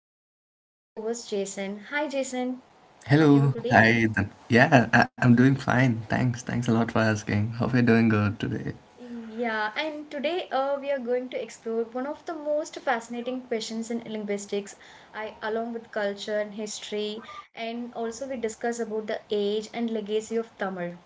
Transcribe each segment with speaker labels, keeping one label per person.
Speaker 1: With me, my co-host Jason. Hi, Jason. How are you
Speaker 2: Hello,
Speaker 1: today?
Speaker 2: hi. Yeah, I'm doing fine. Thanks. Thanks a lot for asking. Hope you're doing good today.
Speaker 1: Yeah, and today we are going to explore one of the most fascinating questions in linguistics, I, along with culture and history, and also we discuss about the age and legacy of Tamil.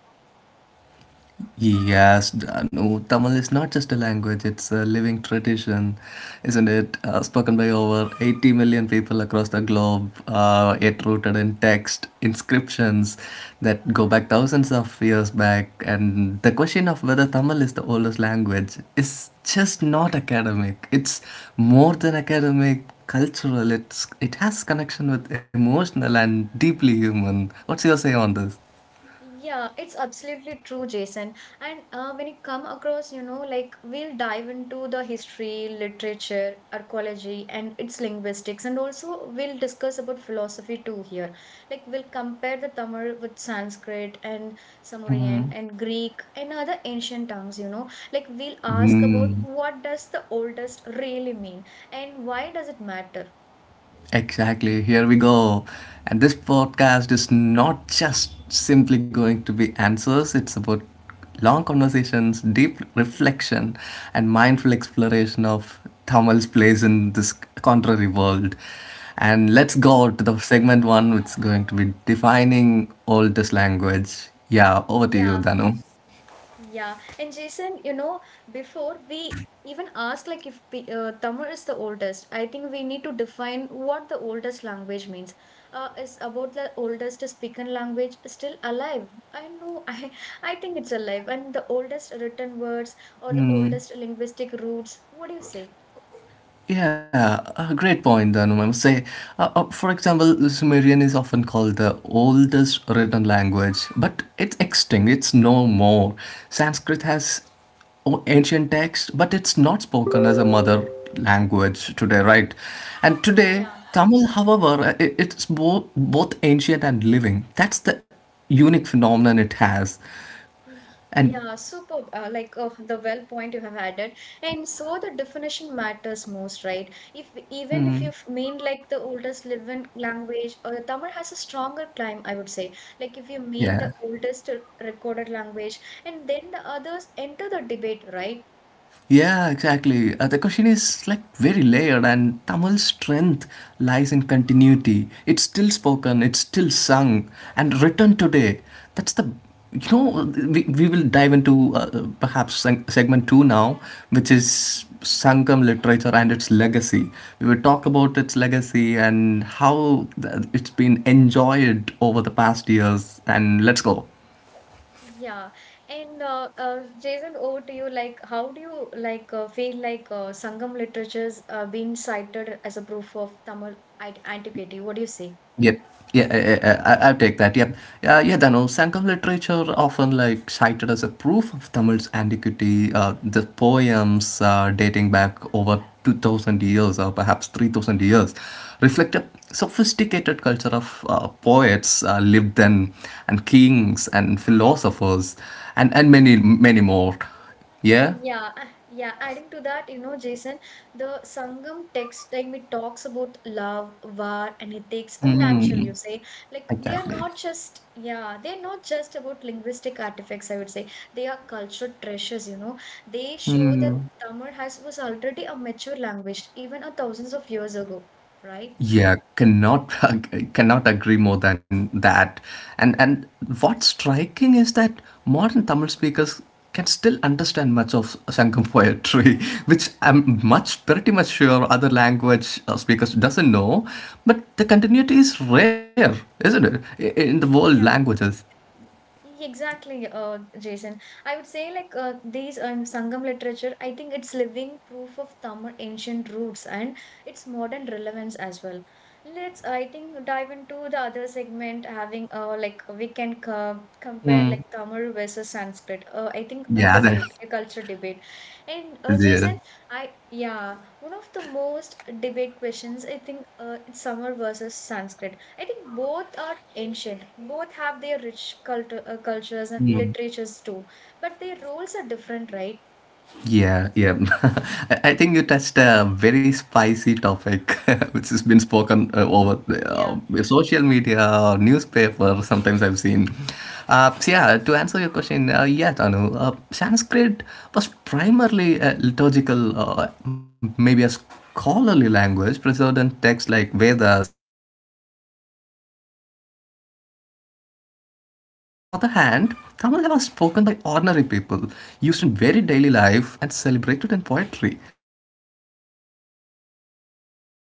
Speaker 2: Yes, Danu, Tamil is not just a language, it's a living tradition, isn't it? Spoken by over 80 million people across the globe, yet rooted in text, inscriptions that go back thousands of years back. And the question of whether Tamil is the oldest language is just not academic, it's more than academic. Cultural, it has connection with emotional and deeply human. What's your say on this?
Speaker 1: Yeah, it's absolutely true, Jason. And when you come across, you know, like we'll dive into the history, literature, archaeology, and its linguistics, and also we'll discuss about philosophy too here. Like we'll compare the Tamil with Sanskrit and Sumerian and Greek and other ancient tongues, you know. Like we'll ask about
Speaker 2: Hmm.
Speaker 1: what does the oldest really mean and why does it matter?
Speaker 2: Exactly, here we go. And this podcast is not just simply going to be answers, it's about long conversations, deep reflection, and mindful exploration of Thamal's place in this contrary world. And let's go to the segment one, which is going to be defining oldest language. Yeah, over to you,
Speaker 1: Yeah,
Speaker 2: Danu.
Speaker 1: yeah, and Jason, you know, before we even ask like if we, Tamil is the oldest, I think we need to define what the oldest language means. Is about the oldest spoken language still alive? I know, I think it's alive, and the oldest written words or the oldest linguistic roots. What do you say?
Speaker 2: Yeah, a great point, Dhanum. I must say, for example, Sumerian is often called the oldest written language, but it's extinct. It's no more. Sanskrit has ancient text, but it's not spoken as a mother language today, right? And today,
Speaker 1: Yeah.
Speaker 2: Tamil, however, it's both ancient and living. That's the unique phenomenon it has. And
Speaker 1: Yeah, superb. Like oh, the well point you have added, and so the definition matters most, right? If even if you mean like the oldest living language, or Tamil has a stronger claim, I would say. Like if you mean the
Speaker 2: yeah.
Speaker 1: oldest recorded language, and then the others enter the debate, right?
Speaker 2: Yeah, exactly. The question is like very layered, and Tamil's strength lies in continuity. It's still spoken, it's still sung, and written today. That's the we will dive into perhaps segment two now, which is Sangam literature and its legacy. We will talk about its legacy and how it's been enjoyed over the past years. And let's go.
Speaker 1: Yeah, and Jason, over to you. Like, how do you like feel like Sangam literature's been cited as a proof of Tamil antiquity? What do you say?
Speaker 2: Yep. Yeah, yeah, yeah, I take that. Yep. Yeah, Dano, Sangam literature often like cited as a proof of Tamil's antiquity. The poems dating back over 2000 years or perhaps 3000 years reflect a sophisticated culture of poets lived then and kings and philosophers and, many, many more. Yeah,
Speaker 1: Yeah, yeah. Adding to that, you know, Jason, the Sangam text, like it talks about love, war, and ethics, unnatural, you say. Like they are
Speaker 2: exactly.
Speaker 1: not just, yeah, they are not just about linguistic artifacts, I would say. They are cultural treasures, you know. They show that Tamil has was already a mature language, even a thousands of years ago, right?
Speaker 2: Yeah, cannot cannot agree more than that. And what's striking is that modern Tamil speakers can still understand much of Sangam poetry, which I'm much pretty much sure other language speakers doesn't know. But the continuity is rare, isn't it? In the world languages.
Speaker 1: Exactly, Jason. I would say like these Sangam literature, I think it's living proof of Tamil ancient roots and its modern relevance as well. Let's, I think, dive into the other segment having like we can co compare
Speaker 2: Mm.
Speaker 1: like Tamil versus Sanskrit. I think a
Speaker 2: Yeah,
Speaker 1: debate, a culture debate. And
Speaker 2: yeah.
Speaker 1: Jason, I yeah, one of the most debate questions I think it's Tamil versus Sanskrit. I think both are ancient. Both have their rich cultures and
Speaker 2: Hmm.
Speaker 1: literatures too. But their roles are different, right?
Speaker 2: Yeah, yeah. I think you touched a very spicy topic, which has been spoken
Speaker 1: Mhm.
Speaker 2: over
Speaker 1: Yeah.
Speaker 2: social media, or newspaper. Sometimes I've seen. So yeah, to answer your question, yeah, Tanu, Sanskrit was primarily a liturgical, maybe a scholarly language, preserved in texts like Vedas, Tamil. On the other hand. Tamil was spoken by ordinary people, used in very daily life, and celebrated in poetry. That makes Tamil unique as a living vernacular,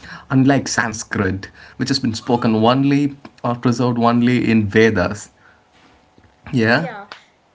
Speaker 2: unlike Sanskrit, which has been spoken only or preserved only in Vedas. Yeah?
Speaker 1: Yeah.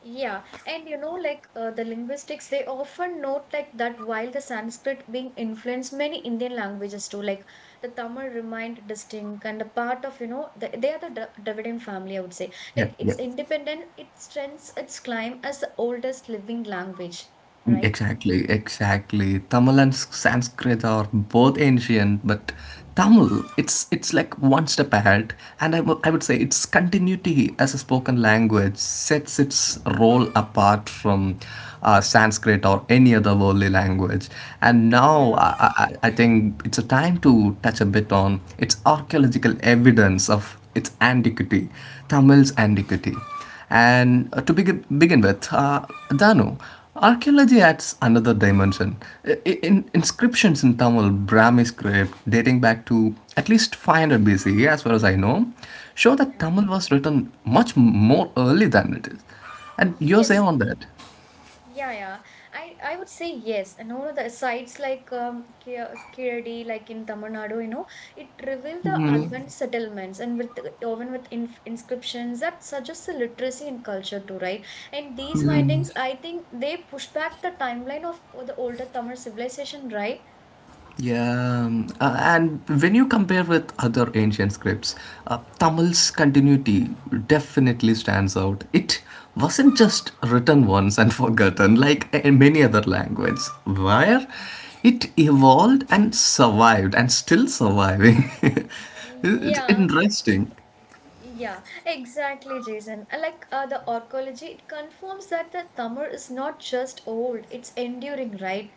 Speaker 1: Yeah. And you know, like the linguistics, they often note like that while the Sanskrit being influenced many Indian languages too, like the Tamil remained distinct and a part of, you know, the, they are the Dravidian family, I would say.
Speaker 2: Yeah,
Speaker 1: Like
Speaker 2: yeah.
Speaker 1: it's independent, it strengthens its claim as the oldest living language, right?
Speaker 2: Exactly, exactly. Tamil and Sanskrit are both ancient, but Tamil, it's like one step ahead, and I would say its continuity as a spoken language sets its role apart from Sanskrit or any other worldly language. And now
Speaker 1: Yeah.
Speaker 2: I think it's a time to touch a bit on its archaeological evidence of its antiquity, Tamil's antiquity. And to begin with, Danu, archaeology adds another dimension. In inscriptions in Tamil Brahmi script dating back to at least 500 BCE, as far as I know, show that Tamil was written much more early than it is. And your say
Speaker 1: Yes,
Speaker 2: on that?
Speaker 1: yeah, yeah. I would say yes. And all of the sites like Kirdi, like in Tamil Nadu, you know, it reveal the urban settlements and with even with inf inscriptions that suggest the literacy and culture too, right? And these findings, I think, they push back the timeline of the older Tamil civilization, right?
Speaker 2: Yeah, and when you compare with other ancient scripts, Tamil's continuity definitely stands out. It wasn't just written once and forgotten like in many other languages, where it
Speaker 1: Yeah.
Speaker 2: evolved and survived and still surviving. It's
Speaker 1: Yeah,
Speaker 2: interesting.
Speaker 1: yeah, exactly, Jason. Like the archaeology, it confirms that the Tamil is not just old, it's enduring, right?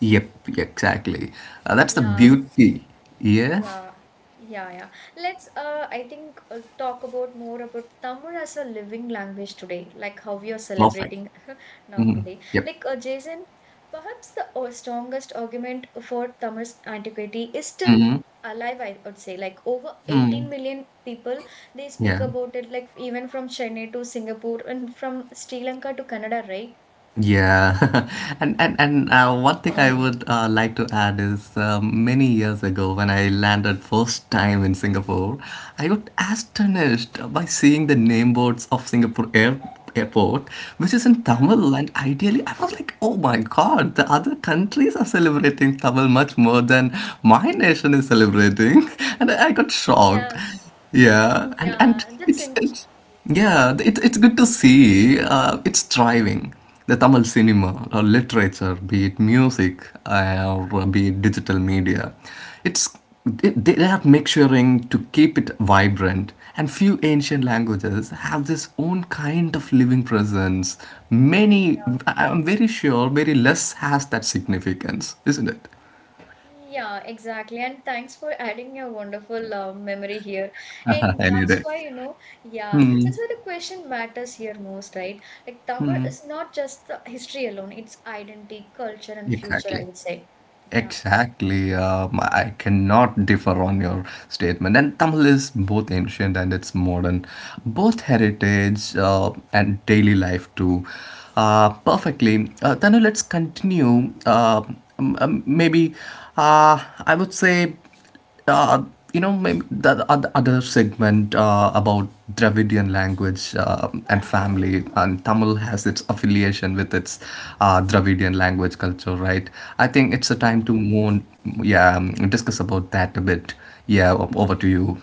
Speaker 2: Yep, exactly. That's the
Speaker 1: Yeah,
Speaker 2: beauty. Yeah,
Speaker 1: yeah, yeah, yeah. Let's, I think, talk about more about Tamil as a living language today, like how we are
Speaker 2: perfect.
Speaker 1: celebrating now today.
Speaker 2: Yep,
Speaker 1: Like, Jason, perhaps the strongest argument for Tamil's antiquity is still alive, I would say. Like, over 18 million people, they speak
Speaker 2: yeah.
Speaker 1: about it, like, even from Chennai to Singapore and from Sri Lanka to Canada, right?
Speaker 2: Yeah, and one thing I would like to add is many years ago when I landed first time in Singapore, I got astonished by seeing the name boards of Singapore Airport, which is in
Speaker 1: Yeah,
Speaker 2: Tamil, and ideally I was like, oh my God, the other countries are celebrating Tamil much more than my nation is celebrating, and I got shocked.
Speaker 1: yeah,
Speaker 2: Yeah,
Speaker 1: yeah. That's interesting.
Speaker 2: it's yeah, it, it's good to see it's thriving the Tamil cinema or literature, be it music or be it digital media, it's they are mixturing to keep it vibrant. And few ancient languages have this own kind of living presence. Many, I'm very sure, very less has that significance, isn't it?
Speaker 1: Yeah, exactly. And thanks for adding your wonderful memory here. And
Speaker 2: Any
Speaker 1: that's
Speaker 2: day.
Speaker 1: why, you know, yeah,
Speaker 2: Hmm,
Speaker 1: that's why the question matters here most, right? Like Tamil is not just the history alone, it's identity, culture, and future, I
Speaker 2: exactly.
Speaker 1: would say. Yeah,
Speaker 2: Exactly. I cannot differ on your statement. And Tamil is both ancient and it's modern, both heritage and daily life too. Perfectly. Tanu, let's continue. Maybe I would say uh, you know, maybe the other segment about Dravidian language and family, and Tamil has its affiliation with its Dravidian language culture, right? I think it's a
Speaker 1: yeah.
Speaker 2: time to more, yeah, discuss about that a bit. Yeah, over to you.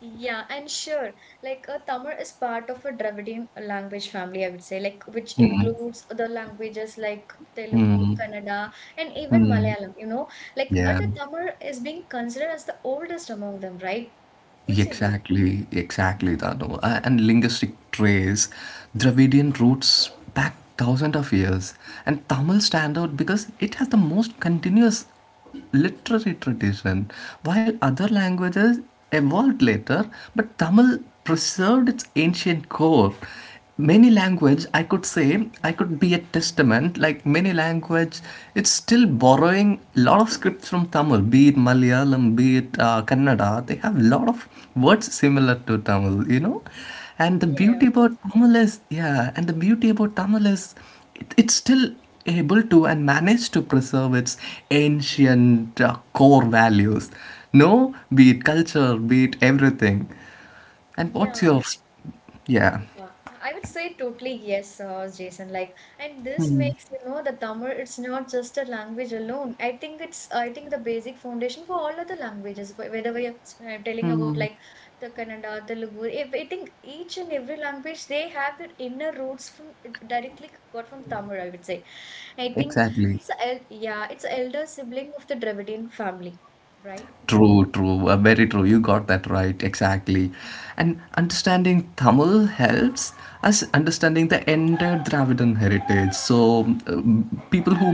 Speaker 1: Yeah, and sure. Like Tamil is part of a Dravidian language family, I would say, like which includes the languages like Telugu, Kannada, and even Malayalam, you know. Like, but
Speaker 2: Yeah.
Speaker 1: the Tamil is being considered as the oldest among them, right? What's your view?
Speaker 2: Exactly, exactly, Dano. And linguistic trace, Dravidian roots back thousands of years, and Tamil stand out because it has the most continuous literary tradition, while other languages evolved later, but Tamil preserved its ancient core. Many language I could say I could be a testament, like many language, it's still borrowing a lot of scripts from Tamil, be it Malayalam, be it Kannada. They have a lot of words similar to Tamil, you know, and the
Speaker 1: Yeah,
Speaker 2: beauty about Tamil is yeah, and the beauty about Tamil is it's still able to and manage to preserve its ancient core values, no, be it culture, be it everything. And what's
Speaker 1: yeah.
Speaker 2: your yeah,
Speaker 1: Yeah, I would say totally yes, Jason. Like, and this makes you know the Tamil. It's not just a language alone. I think it's I think the basic foundation for all other languages. Whether we are telling about like the Kannada, Telugu, I think each and every language they have their inner roots from it directly got from Tamil. I would say. I think
Speaker 2: exactly.
Speaker 1: it's a el yeah, it's a elder sibling of the Dravidian family, right?
Speaker 2: True, true, very true. You got that right, exactly. And understanding Tamil helps us understanding the entire Dravidian heritage. So, people who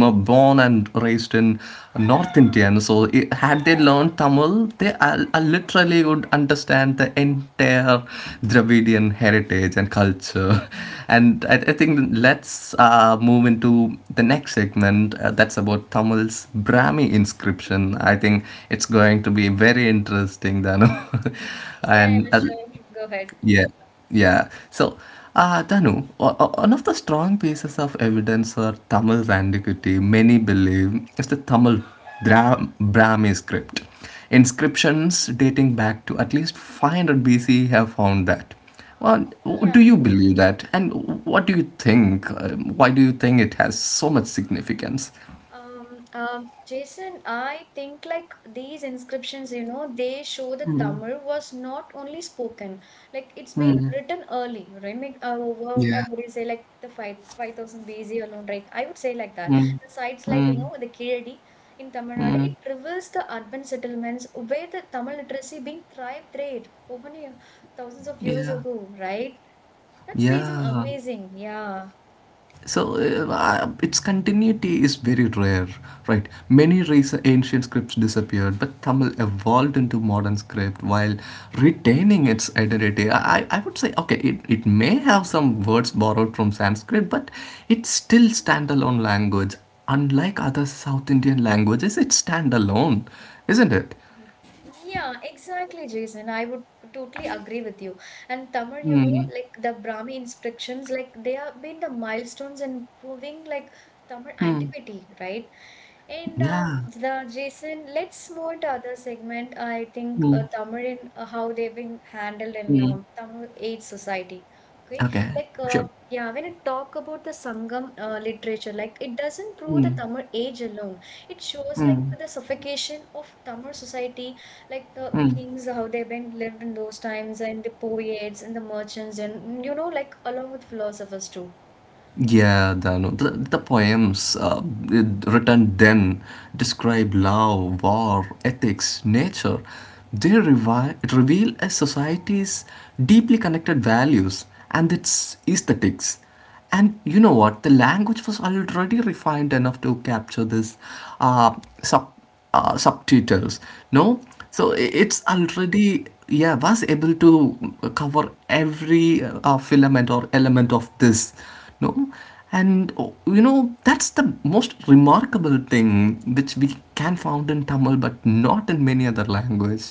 Speaker 2: were born and raised in North India, had they learned Tamil, are literally naturally would understand the entire Dravidian heritage and culture. And I think let's move into the next segment that's about Tamil's Brahmi inscription. I think it's going to be very interesting, Danu.
Speaker 1: Yeah,
Speaker 2: and
Speaker 1: yeah, sure. Go ahead.
Speaker 2: yeah, yeah. So, Danu, one of the strong pieces of evidence for Tamil's antiquity, many believe, is the Tamil Brahmi script. Inscriptions dating back to at least 500 BC have found that. Well, do you believe that? And what do you think? Why do you think it has so much significance?
Speaker 1: Jason, I think like these inscriptions, you know, they show that Tamil was not only spoken, like it's been written early, right? Make, over,
Speaker 2: Yeah.
Speaker 1: I would say like the 5000 BC alone, right? I would say like that. The sites like, you know, the Kiradi in Tamil Nadu, it reveals the urban settlements where the Tamil literacy being thrived great over the thousands of years
Speaker 2: Yeah,
Speaker 1: ago, right? That's amazing,
Speaker 2: yeah.
Speaker 1: amazing, yeah.
Speaker 2: So its continuity is very rare, right? Many ancient scripts disappeared, but Tamil evolved into modern script while retaining its identity. I would say, okay, it may have some words borrowed from Sanskrit, but it's still standalone language. Unlike other South Indian languages, it's standalone, isn't it?
Speaker 1: Yeah, exactly, Jason. I would totally agree with you. And Tamar, you know,
Speaker 2: Mm,
Speaker 1: like the Brahmi inscriptions, like they have been the milestones in proving like Tamar antiquity, right? And
Speaker 2: yeah.
Speaker 1: the Jason, let's move to other segment. I think
Speaker 2: Mm,
Speaker 1: Tamar in how they've been handled in
Speaker 2: mm.
Speaker 1: Tamil age society. Okay,
Speaker 2: Okay,
Speaker 1: like
Speaker 2: sure.
Speaker 1: yeah, when it talk about the Sangam literature, like it doesn't prove the Tamil age alone, it shows like the suffocation of Tamil society, like the kings, how they've been lived in those times, and the poets and the merchants, and you know, like along with philosophers too.
Speaker 2: Yeah, Dano. The poems written then describe love, war, ethics, nature. They reveal a society's deeply connected values and its aesthetics. And you know what? The language was already refined enough to capture this uh, sub subtitles, no, so it's already yeah was able to cover every filament or element of this, no. And oh, you know, that's the most remarkable thing which we can found in Tamil, but not in many other language.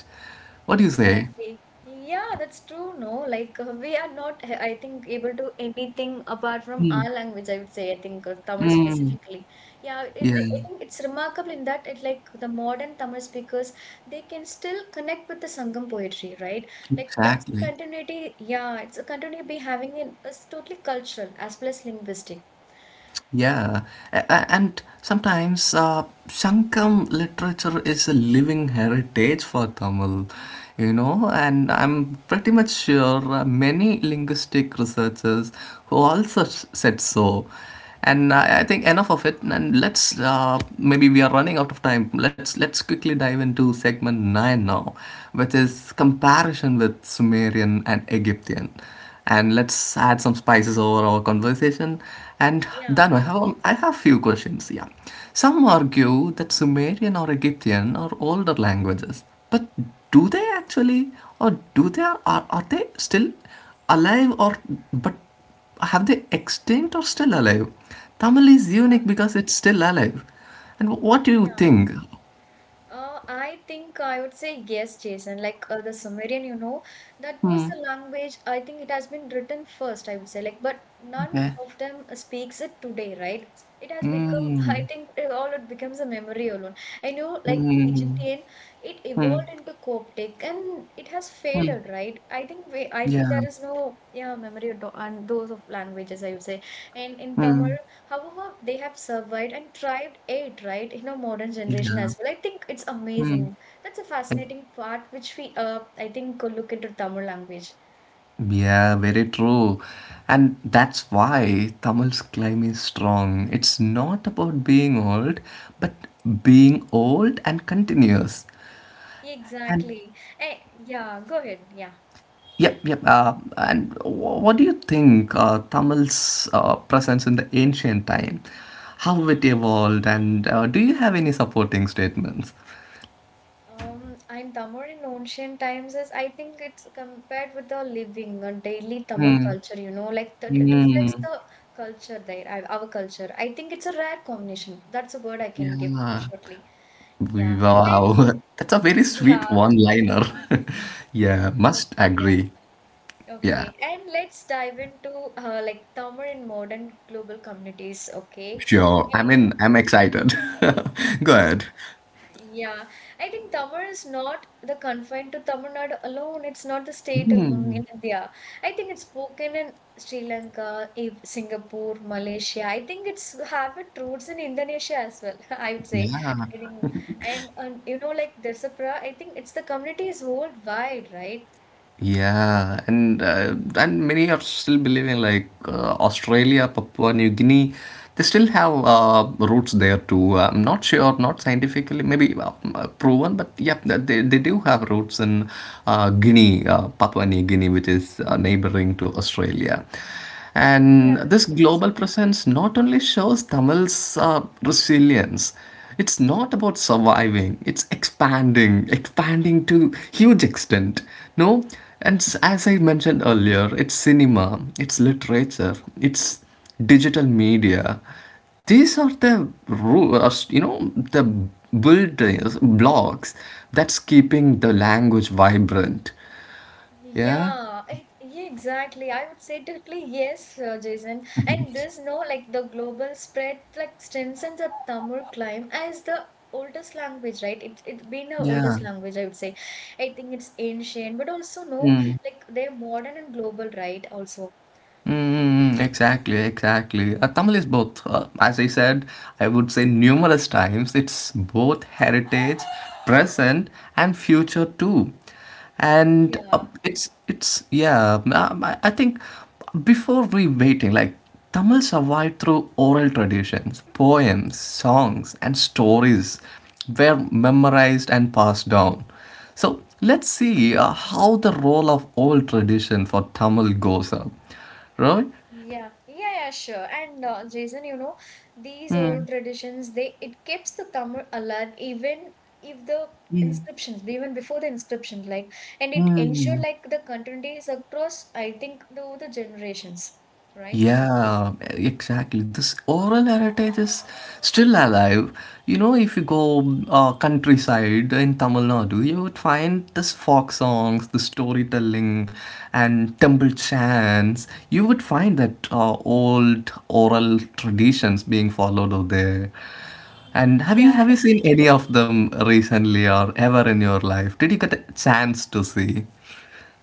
Speaker 2: What do you say?
Speaker 1: Exactly. Yeah, that's true, no? Like we are not, I think, able to anything apart from our language, I would say, I think, Tamil
Speaker 2: Mm,
Speaker 1: specifically. Yeah,
Speaker 2: yeah,
Speaker 1: I think it's remarkable in that it like the modern Tamil speakers, they can still connect with the Sangam poetry, right? Like that's a
Speaker 2: exactly.
Speaker 1: continuity, yeah, it's a continuity be having in it's totally cultural as well as linguistic.
Speaker 2: Yeah, and sometimes Shankam literature is a living heritage for Tamil, you know, and I'm pretty much sure many linguistic researchers who also said so. And I think enough of it, and let's maybe we are running out of time. Let's quickly dive into segment nine now, which is comparison with Sumerian and Egyptian, and let's add some spices over our conversation. And
Speaker 1: Yeah,
Speaker 2: Danu, I have few questions. Yeah, some argue that Sumerian or Egyptian are older languages, but do they actually, or do they are they still alive, or but have they extinct or still alive? Tamil is unique because it's still alive. And what do you
Speaker 1: yeah.
Speaker 2: think?
Speaker 1: I think I would say yes, Jason. Like the Sumerian, you know, that was
Speaker 2: Hmm.
Speaker 1: the language. I think it has been written first, I would say. Like, but none
Speaker 2: Okay.
Speaker 1: of them speaks it today, right? It has become, I
Speaker 2: Hmm.
Speaker 1: think, it becomes a memory alone. I know, like
Speaker 2: Hmm.
Speaker 1: Egyptian, it
Speaker 2: Hmm.
Speaker 1: evolved into Coptic and it has
Speaker 2: Hmm.
Speaker 1: faded, right? I think I think
Speaker 2: Yeah.
Speaker 1: there is no, yeah, memory of and those of languages, I would say. And in Tamil.
Speaker 2: Hmm.
Speaker 1: However, they have survived and thrived it, right, in our modern generation
Speaker 2: Yeah.
Speaker 1: as well. I think it's
Speaker 2: Hmm.
Speaker 1: amazing. That's a fascinating part which we, I think, could look into Tamil language.
Speaker 2: Yeah, very true. And that's why Tamil's claim is strong. It's not about being old, but being old and continuous. And
Speaker 1: Exactly. Eh, yeah, go ahead. Yeah.
Speaker 2: yep, yep. What do you think Tamil's presence in the ancient time? How it evolved, and do you have any supporting statements?
Speaker 1: In Tamil in ancient times is I think it's compared with the living and daily Tamil
Speaker 2: Hmm.
Speaker 1: culture, you know, like that it
Speaker 2: Hmm.
Speaker 1: reflects the culture there, our culture. I think it's a rare combination. That's a word I can give
Speaker 2: Yeah.
Speaker 1: shortly. Yeah. And
Speaker 2: Wow, that's a very
Speaker 1: yeah.
Speaker 2: sweet one-liner. Yeah,
Speaker 1: Okay.
Speaker 2: must
Speaker 1: Yeah.
Speaker 2: agree. Yeah,
Speaker 1: Okay, and let's dive into like Tamil in modern global communities. Okay,
Speaker 2: sure. I
Speaker 1: and
Speaker 2: mean, I'm excited. Go
Speaker 1: y-
Speaker 2: ahead.
Speaker 1: yeah, I think Tamil is not the confined to Tamil Nadu alone. It's not the state alone in India. I think it's spoken in Sri Lanka, Singapore, Malaysia. I think it's have it roots in Indonesia as well. I would say.
Speaker 2: Yeah,
Speaker 1: I think, and you know, like Dasapra, I think it's the community is worldwide, right?
Speaker 2: yeah, and many are still believing like Australia, Papua New Guinea, they still have roots there too. I'm not sure, not scientifically, maybe proven, but yeah, they do have roots in Guinea, Papua New Guinea, which is neighboring to Australia.
Speaker 1: Yeah,
Speaker 2: And this
Speaker 1: that's
Speaker 2: global
Speaker 1: interesting.
Speaker 2: presence not only shows Tamil's resilience. It's not about surviving, it's expanding, expanding to huge extent. No, and as I mentioned earlier, it's cinema, it's literature, it's digital media. These are the the buildings blocks that's keeping the language vibrant. Yeah,
Speaker 1: Yeah, yeah, exactly. I would say totally yes, Jason. And this, no, like the global spread, like strengthens the Tamil climb as the oldest language, right? It it's been the
Speaker 2: yeah.
Speaker 1: oldest language, I would say. I think it's ancient, but also no, like they're modern and global, right? Also,
Speaker 2: Mm, exactly, exactly. Tamil is both. As I said, I would say numerous times, it's both heritage, present, and future too. And
Speaker 1: yeah.
Speaker 2: it's yeah. I think before we waiting, like Tamil survived through oral traditions, poems, songs, and stories were memorized and passed down. So let's see how the role of old tradition for Tamil goes up, right?
Speaker 1: Yeah, yeah, yeah, sure. And Jason, you know, these old traditions, they it keeps the Tamil alive even if the inscriptions, even before the inscription, like, and it ensure like the continuity is across, I think, the generations, right?
Speaker 2: Yeah, exactly. This oral heritage is still alive. You know, if you go countryside in Tamil Nadu, you would find this folk songs, the storytelling, and temple chants. You would find that old oral traditions being followed over there. And
Speaker 1: Yeah,
Speaker 2: have you seen any of them recently or ever in your life? Did you get a chance to see?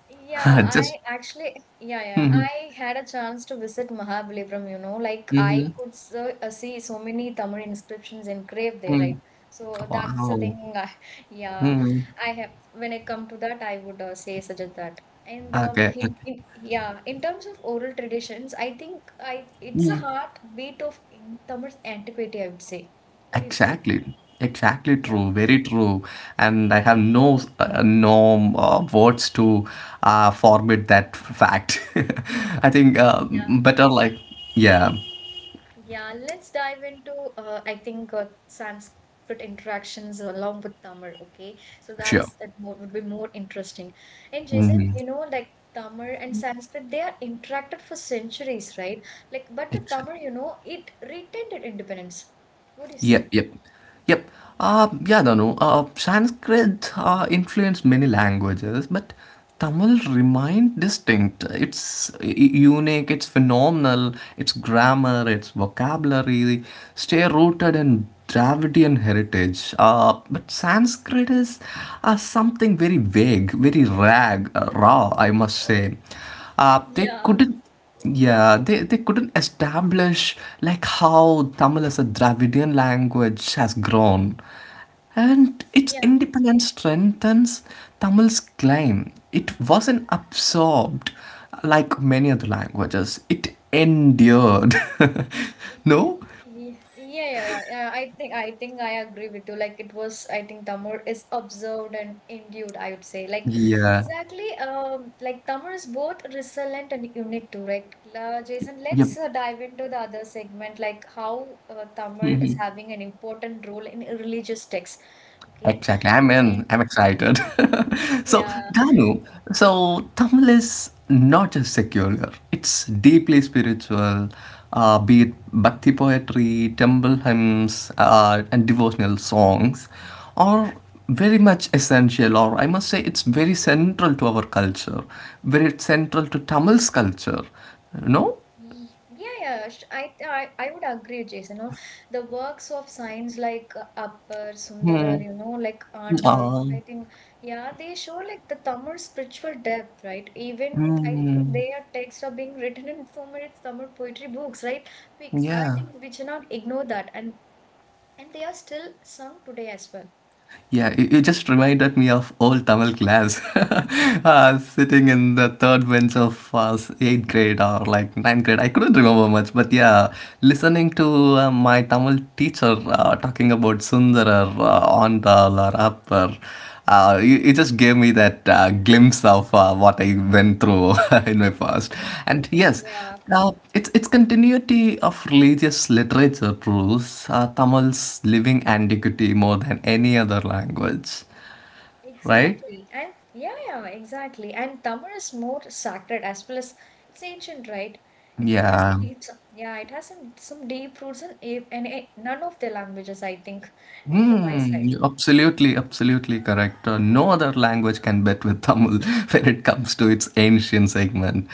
Speaker 1: yeah, I
Speaker 2: Just.
Speaker 1: actually, yeah, yeah.
Speaker 2: Hmm.
Speaker 1: I had a chance to visit Mahabalipuram, you know, like
Speaker 2: Hmm.
Speaker 1: I could so, see so many Tamil inscriptions engraved there, right? So that's the
Speaker 2: Wow.
Speaker 1: thing. I, yeah,
Speaker 2: Mm.
Speaker 1: I have, when I come to that, I would say suggest that. And
Speaker 2: Okay, okay.
Speaker 1: yeah, in terms of oral traditions, I think I it's a
Speaker 2: Mm.
Speaker 1: heartbeat of in Tamil antiquity, I would say. What do you say?
Speaker 2: Exactly. Exactly
Speaker 1: Yeah,
Speaker 2: true. Very true. And I have no no words to format that fact. I think
Speaker 1: yeah.
Speaker 2: better like yeah.
Speaker 1: Yeah, let's dive into I think Sanskrit interactions along with Tamil. Okay, so that's
Speaker 2: Sure.
Speaker 1: it more, would be more interesting. And Jason, you know, like Tamil and Sanskrit, they are interacted for centuries, right? Like, but the
Speaker 2: Exactly.
Speaker 1: Tamil, you know, it retained its independence. What do you
Speaker 2: Yep,
Speaker 1: say?
Speaker 2: yep, yep. Yeah, Danu. Sanskrit influenced many languages, but Tamil remained distinct. It's unique, it's phenomenal, its grammar, its vocabulary stay rooted in Dravidian heritage. But Sanskrit is something very vague, very raw, I must say. They
Speaker 1: Yeah,
Speaker 2: couldn't Yeah, they couldn't establish like how Tamil as a Dravidian language has grown, and its
Speaker 1: yeah.
Speaker 2: independence strengthens Tamil's claim. It wasn't absorbed like many other languages. It endured. No,
Speaker 1: Yeah, I think I agree with you. Like it was, I think Tamur is observed and endued, I would say. Like
Speaker 2: yeah,
Speaker 1: exactly, like Tamur is both resilient and unique too, right? Jason,
Speaker 2: yep.
Speaker 1: let's dive into the other segment, like how Tamur is having an important role in religious texts. Okay,
Speaker 2: Exactly. I'm in.
Speaker 1: and
Speaker 2: I'm excited. So,
Speaker 1: yeah.
Speaker 2: Danu, so Tamil is not just secular, it's deeply spiritual. Be it bhakti poetry, temple hymns, and devotional songs are very much essential, or I must say, it's very central to our culture, very central to Tamil's culture. No?
Speaker 1: Yeah, I would agree, Jason. You know, the works of science like Appar, Sundarar,
Speaker 2: Hmm.
Speaker 1: you know, like Andal,
Speaker 2: Ah.
Speaker 1: I think, yeah, they show like the Tamil spiritual depth, right? Even I think
Speaker 2: Hmm.
Speaker 1: their texts are being written in so many Tamil poetry books, right? I
Speaker 2: Yeah.
Speaker 1: think we should not ignore that, and they are still sung today as well.
Speaker 2: Yeah, you just reminded me of old Tamil class, sitting in the third bench of eighth grade or like ninth grade. I couldn't remember much, but yeah, listening to my Tamil teacher talking about Sundarar, Ondal or Appar. You just gave me that glimpse of what I went through in my past. And yes,
Speaker 1: Yeah,
Speaker 2: it's continuity of religious literature proves Tamil's living antiquity more than any other language, right?
Speaker 1: exactly. And yeah, yeah, exactly. And Tamar is more sacred as well as it's ancient, right? It has
Speaker 2: Yeah.
Speaker 1: yeah, it has some deep roots in, none of the languages, I think, and from my side.
Speaker 2: Hmm, you absolutely, absolutely correct. No other language can bet with Tamil when it comes to its ancient segment.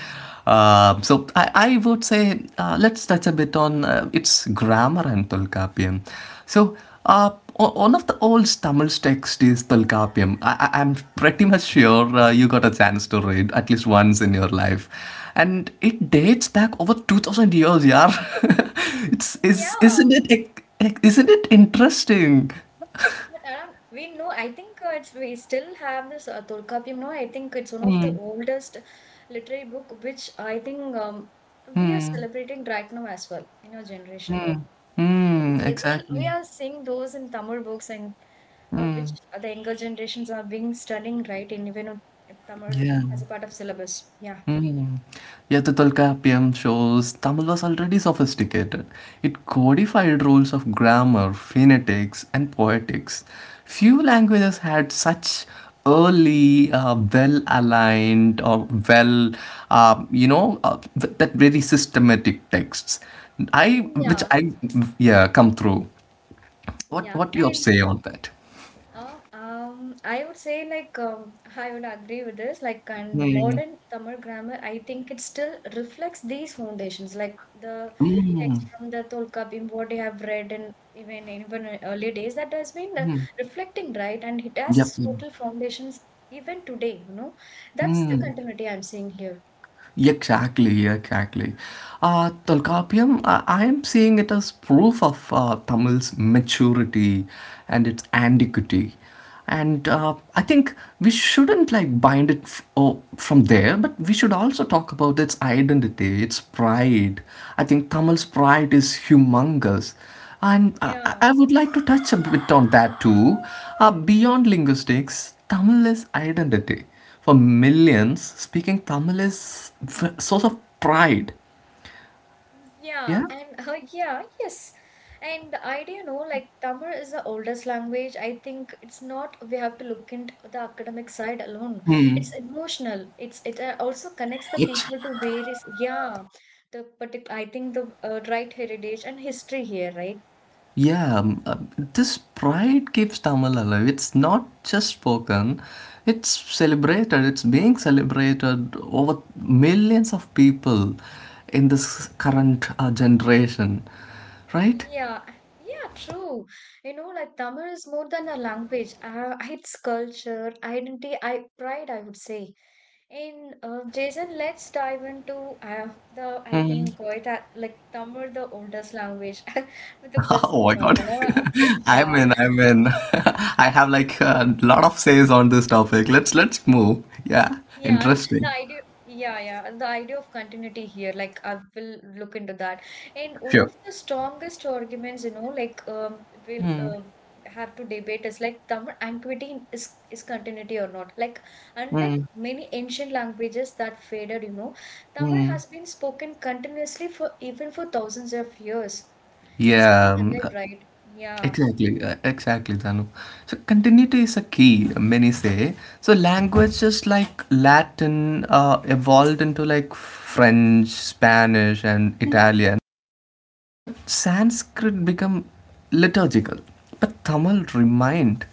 Speaker 2: I would say let's touch a bit on its grammar and Tolkapiam. So uh, one of the old Tamil text is Tolkapiam. I'm pretty much sure you got a chance to read at least once in your life, and it dates back over 2,000 years. Yeah, it's is
Speaker 1: Yeah,
Speaker 2: isn't it? Like, isn't it interesting?
Speaker 1: but we know, I think we still have this Tolkappiyam, no? I think it's one of the
Speaker 2: Mm.
Speaker 1: oldest literary book, which I think we are celebrating right now as well in our generation. Yes,
Speaker 2: Mm, exactly.
Speaker 1: We are seeing those in Tamil books and which the younger generations are being studying right in Tamil
Speaker 2: Yeah.
Speaker 1: as a part of syllabus. Yeah.
Speaker 2: Mm. Yeah, the Tolkapiyam shows Tamil was already sophisticated. It codified rules of grammar, phonetics, and poetics. Few languages had such early, well-aligned or well, you know, th- that very systematic texts. I, which
Speaker 1: Yeah,
Speaker 2: I, yeah, come through.
Speaker 1: yeah,
Speaker 2: What your
Speaker 1: and
Speaker 2: say on that?
Speaker 1: I would say like I would agree with this. Like, and modern Tamil grammar, I think it still reflects these foundations, like the text from the Tolkapim, what you have read, and even in early days that has been reflecting, right? And it has
Speaker 2: Yep.
Speaker 1: its
Speaker 2: Yep,
Speaker 1: total foundations even today. You know, that's the continuity I'm seeing here.
Speaker 2: exactly, yeah, exactly. Tolkapiam, I am seeing it as proof of Tamil's maturity and its antiquity. And I think we shouldn't like bind it from there, but we should also talk about its identity, its pride. I think Tamil's pride is humongous. And I
Speaker 1: Yeah.
Speaker 2: I would like to touch a bit on that too. Beyond linguistics, Tamil is identity. For millions, speaking Tamil is source of pride.
Speaker 1: Yeah,
Speaker 2: Yeah,
Speaker 1: and yeah, yes. And the idea, no, like Tamil is the oldest language. I think it's not we have to look into the academic side alone. It's emotional. It also connects the
Speaker 2: it
Speaker 1: people to various yeah, the particular I think the right heritage and history here, right?
Speaker 2: yeah. This pride keeps Tamil alive. It's not just spoken; it's celebrated. It's being celebrated over millions of people in this current generation, right?
Speaker 1: Yeah, yeah, true. You know, like Tamil is more than a language. It's culture, identity, I pride, I would say. In Jason, let's dive into the I think it like Tamil, the oldest language with the
Speaker 2: Oh
Speaker 1: question
Speaker 2: my
Speaker 1: mark.
Speaker 2: God!
Speaker 1: You know,
Speaker 2: I'm
Speaker 1: yeah.
Speaker 2: in. I'm in. I have like a lot of says on this topic. Let's move. Yeah,
Speaker 1: Yeah,
Speaker 2: interesting.
Speaker 1: yeah, the idea of continuity here, like I will look into that. And one
Speaker 2: Sure.
Speaker 1: of the strongest arguments, you know, like we'll have to debate is like Tamil antiquity is continuity or not. Like unlike many ancient languages that faded, you know, Tamil has been spoken continuously for thousands of years. It's still
Speaker 2: Yeah,
Speaker 1: alive, right? Yeah.
Speaker 2: exactly, exactly, Danu. So continuity is a key, many say. So languages like Latin evolved into like French, Spanish, and Italian, but Sanskrit become liturgical. But Tamil remained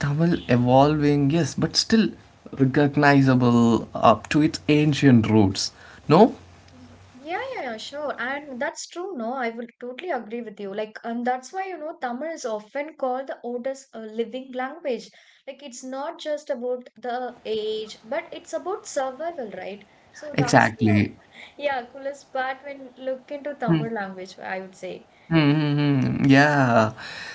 Speaker 2: Tamil
Speaker 1: Mm.
Speaker 2: evolving, yes, but still recognizable up to its ancient roots. No,
Speaker 1: Yeah, sure. And that's true, no? I will totally agree with you. Like, and that's why, you know, Tamil is often called the oldest living language. Like, it's not just about the age, but it's about survival, right? So that's the,
Speaker 2: exactly.
Speaker 1: yeah, coolest part when look into
Speaker 2: Hmm.
Speaker 1: Tamil language, I would say.
Speaker 2: Mm-hmm. Yeah.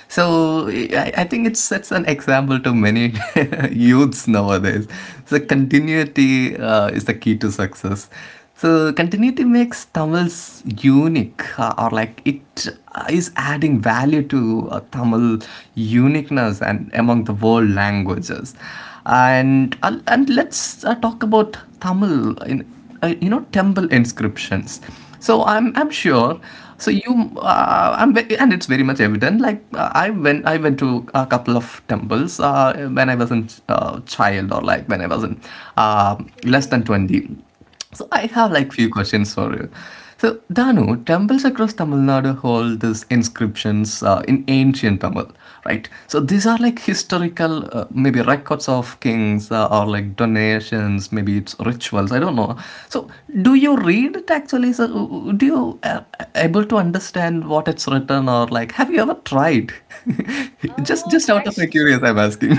Speaker 2: So I think it sets an example to many youths nowadays. So
Speaker 1: Mm.
Speaker 2: continuity is the key to success. So continuity makes Tamil's unique, or like it is adding value to Tamil uniqueness and among the world languages. And let's talk about Tamil in temple inscriptions. So I'm
Speaker 1: Yeah.
Speaker 2: sure. So you and it's very much evident like I went to a couple of temples when I was a child or like when I was in uh, less than
Speaker 1: Okay,
Speaker 2: 20. So I have
Speaker 1: okay.
Speaker 2: like few questions for you. So Danu, temples across Tamil Nadu hold these inscriptions in ancient Tamil, right? So these are like
Speaker 1: Mm.
Speaker 2: historical maybe records of kings, or like donations, maybe it's rituals, I don't know. So do you
Speaker 1: Mm.
Speaker 2: read it actually? So do you able to understand what it's written, or like have you ever tried? just
Speaker 1: Oh,
Speaker 2: just out of my
Speaker 1: actually,
Speaker 2: curious I'm asking.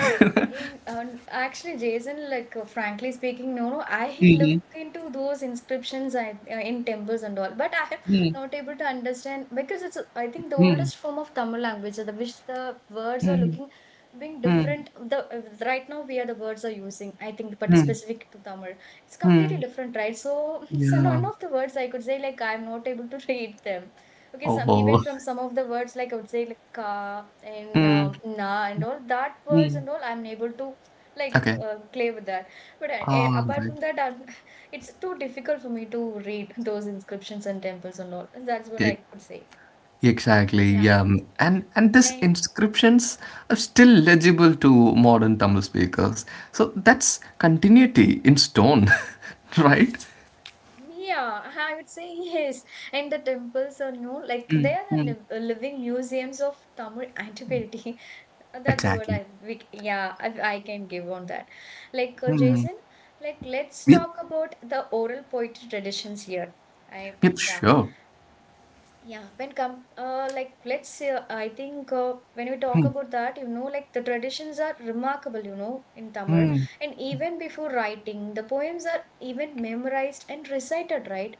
Speaker 1: in actually, Jason, like frankly speaking, no, no, I look into those inscriptions in temples and all, but I
Speaker 2: Hmm.
Speaker 1: am not able to understand because it's I think the
Speaker 2: Hmm.
Speaker 1: oldest form of Tamil language, the which the words are
Speaker 2: Hmm.
Speaker 1: looking being
Speaker 2: Hmm.
Speaker 1: different. The right now we are the words are using, I think, but
Speaker 2: Hmm.
Speaker 1: specific to Tamil, it's completely
Speaker 2: Hmm.
Speaker 1: different, right? So, so
Speaker 2: Yeah.
Speaker 1: none of the words I could say like I'm not able to read them. Okay, some even
Speaker 2: Oh.
Speaker 1: from some of the words, like I would say, like ka and
Speaker 2: Mm.
Speaker 1: na and all that words
Speaker 2: Mm.
Speaker 1: and all I'm able to like
Speaker 2: Okay.
Speaker 1: play with that, but
Speaker 2: All
Speaker 1: apart
Speaker 2: right.
Speaker 1: from that I'm, it's too difficult for me to read those inscriptions and temples and all. That's what I could say.
Speaker 2: Exactly,
Speaker 1: Yeah.
Speaker 2: yeah. And these
Speaker 1: And
Speaker 2: inscriptions are still legible to modern Tamil speakers. So that's continuity in stone, right?
Speaker 1: yeah, I would say yes. And the temples are new, like they are the
Speaker 2: Mm,
Speaker 1: living museums of Tamil antiquity. That's the word
Speaker 2: exactly.
Speaker 1: I we, c- yeah, I can give on that. Like Jason, like let's
Speaker 2: Yep,
Speaker 1: talk about the oral poetry traditions here. I
Speaker 2: yep,
Speaker 1: yeah,
Speaker 2: sure.
Speaker 1: yeah, when come like let's say I think when we talk about that, you know, like the traditions are remarkable, you know, in Tamil, and even before writing the poems are even memorized and recited, right.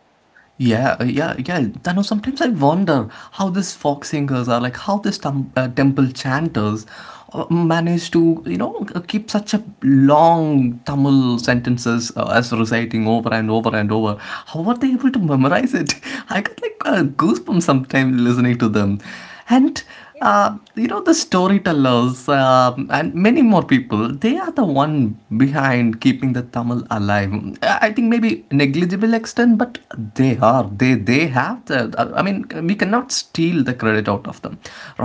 Speaker 2: Yeah, yeah. I know sometimes I wonder how these folk singers are like how these temple chanters manage to, you know, keep such a long Tamil sentences as reciting over and over and over. How are they able to memorize it? I got like goosebumps sometimes listening to them. And you know the storytellers and many more people, they are the one behind keeping the Tamil alive. I think maybe negligible extent, but they are they have the, I mean, we cannot steal the credit out of them,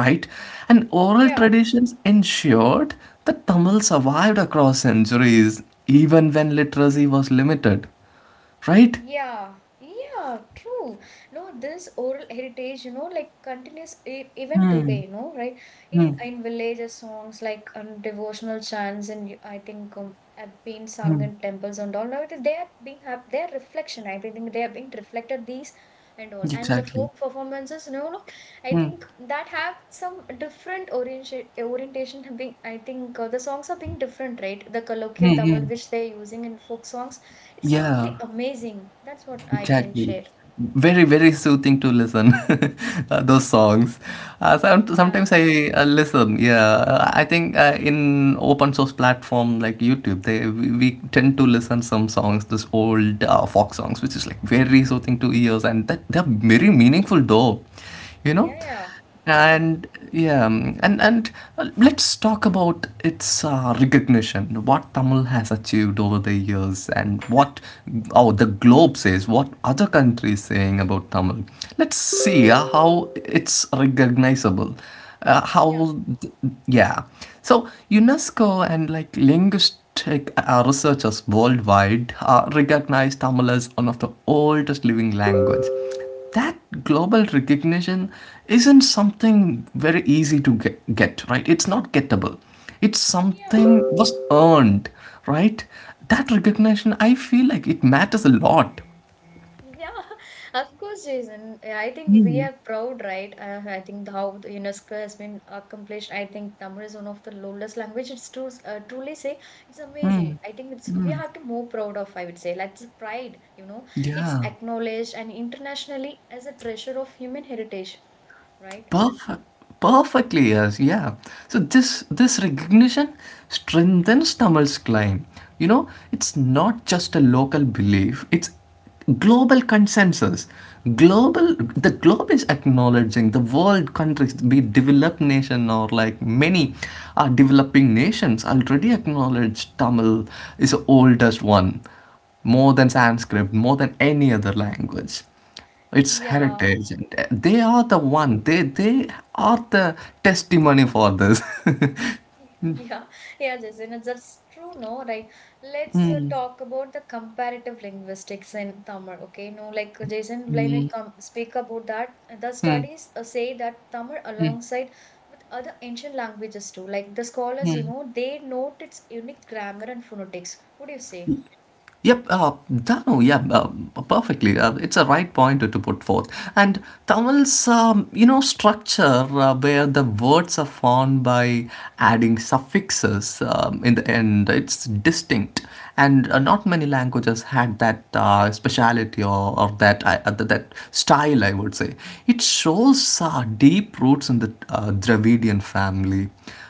Speaker 2: right? And oral
Speaker 1: Yeah.
Speaker 2: traditions ensured that Tamil survived across centuries even when literacy was limited, right?
Speaker 1: Yeah, yeah, true. No, this oral heritage, you know, like continues e even today, you know, right?
Speaker 2: Hmm.
Speaker 1: In villages, songs like devotional chants, I think have been sung
Speaker 2: Hmm.
Speaker 1: in temples and all. Now it is they are being have their reflection. I think they are being reflected these and all, and the
Speaker 2: Exactly.
Speaker 1: folk performances, you know, no, I
Speaker 2: Hmm.
Speaker 1: think that have some different orientation. Being, I think the songs are being different, right? The
Speaker 2: Hmm.
Speaker 1: colloquial
Speaker 2: Hmm.
Speaker 1: Tamil which they're using in folk songs, it's totally
Speaker 2: Yeah.
Speaker 1: amazing. That's what I can
Speaker 2: Exactly.
Speaker 1: share.
Speaker 2: Very, very soothing to listen, those songs.
Speaker 1: Yeah.
Speaker 2: Sometimes I listen, yeah. I think in open source platform like YouTube, we tend to listen some songs, this old folk songs, which is like very
Speaker 1: Y-
Speaker 2: soothing to ears, and that they're very meaningful though, you
Speaker 1: Yeah,
Speaker 2: know?
Speaker 1: yeah. Yeah.
Speaker 2: And yeah, and let's talk about its recognition, what Tamil has achieved over the years, and what, oh, the globe says, what other countries saying about Tamil. Let's
Speaker 1: Mm.
Speaker 2: see how it's recognizable, uh, how
Speaker 1: Yeah.
Speaker 2: th- yeah. So UNESCO and like linguistic researchers worldwide recognize Tamil as one of the oldest living language. That global recognition isn't something very easy to get, right? It's not gettable. It's
Speaker 1: Yeah.
Speaker 2: something was earned, right? That recognition I feel like it matters a lot.
Speaker 1: Yeah. Of course, Jason. I think we are proud, right? I think how the UNESCO has been accomplished. I think Tamil is one of the oldest language. It's true, truly say it's amazing. I think it's we have to more proud of, I would say. Like it's pride, you know. It's
Speaker 2: Yeah.
Speaker 1: acknowledged and internationally as a treasure of human heritage, right?
Speaker 2: Perfect. Perfectly, yes, yeah. So this recognition strengthens Tamil's claim. You know, it's not just a local belief; it's global consensus. Global, the globe is acknowledging, the world countries, be it developed nation or like many are developing nations, already acknowledge Tamil is the oldest one, more than Sanskrit, more than any other language. It's
Speaker 1: Yeah.
Speaker 2: heritage. They are the one. They are the testimony for this.
Speaker 1: Yeah, yeah, Jason, that's true, no? Like, let's talk about the comparative linguistics in Tamil, okay? No, like, Jason, when we come speak about that, the studies say that Tamil, alongside with other ancient languages too, like the scholars, you know, they note its unique grammar and phonetics. What do you say?
Speaker 2: Yep, Danu, yeah, perfectly. It's a right point to put forth. And Tamil's, structure where the words are formed by adding suffixes in the end, it's distinct. And not many languages had that speciality or that that style, I would say. It shows deep roots in the Dravidian family,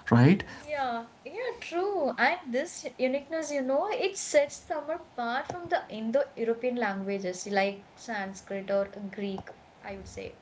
Speaker 2: right?
Speaker 1: Yeah, yeah, true. And this uniqueness, you know, it sets them apart from the Indo-European languages like Sanskrit or Greek, I would say.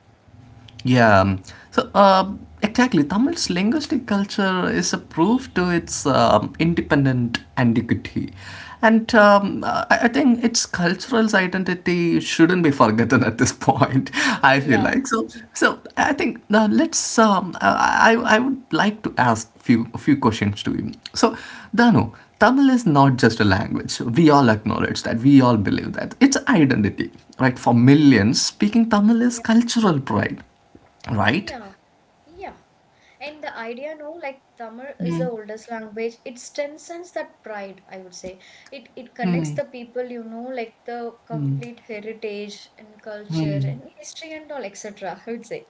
Speaker 2: Yeah. Um, so, exactly, Tamil's linguistic culture is a proof to its independent antiquity. And I think its cultural identity shouldn't be forgotten at this point, I feel
Speaker 1: Yeah.
Speaker 2: like. So, so I think now let's, I would like to ask a few questions to you. So, Danu, Tamil is not just a language. We all acknowledge that. We all believe that. It's identity, right? For
Speaker 1: Mhm.
Speaker 2: millions, speaking Tamil is
Speaker 1: Yeah,
Speaker 2: cultural pride, right?
Speaker 1: yeah, yeah. And the idea, no, like Tamil is the oldest language. It strengthens that pride, I would say. It connects the people, you know, like the complete heritage and culture and history and all, etc. I would say.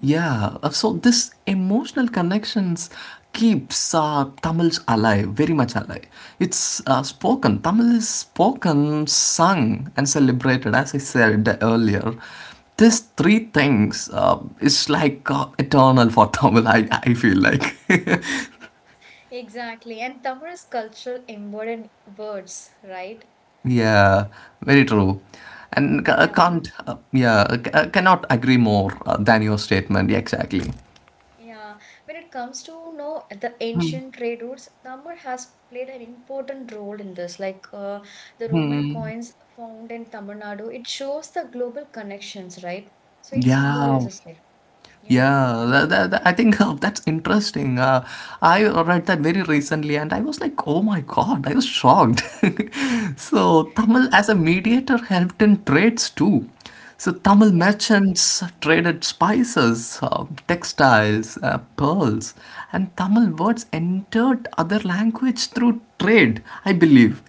Speaker 2: Yeah uh, so this emotional connections keeps Tamils alive, very much alive. It's spoken Tamil is spoken, sung and celebrated as I said earlier. These three things is like eternal for Tamil, I feel like.
Speaker 1: Exactly. And Tamil is cultural embodied in words, right?
Speaker 2: Yeah, very true. And
Speaker 1: Yeah.
Speaker 2: can't, cannot agree more than your statement, exactly.
Speaker 1: Yeah, when it comes to you know the ancient trade routes, Tamar has played an important role in this. Like the Roman coins found in Tamil Nadu, it shows the global connections, right? So it
Speaker 2: Yeah.
Speaker 1: symbolizes it. Yeah,
Speaker 2: Yeah, I think that's interesting. I read that very recently and I was like, oh my god, I was shocked. So, Tamil as a mediator helped in trades too. So, Tamil
Speaker 1: yeah,
Speaker 2: merchants traded spices, textiles, pearls, and Tamil words entered other language through trade, I believe.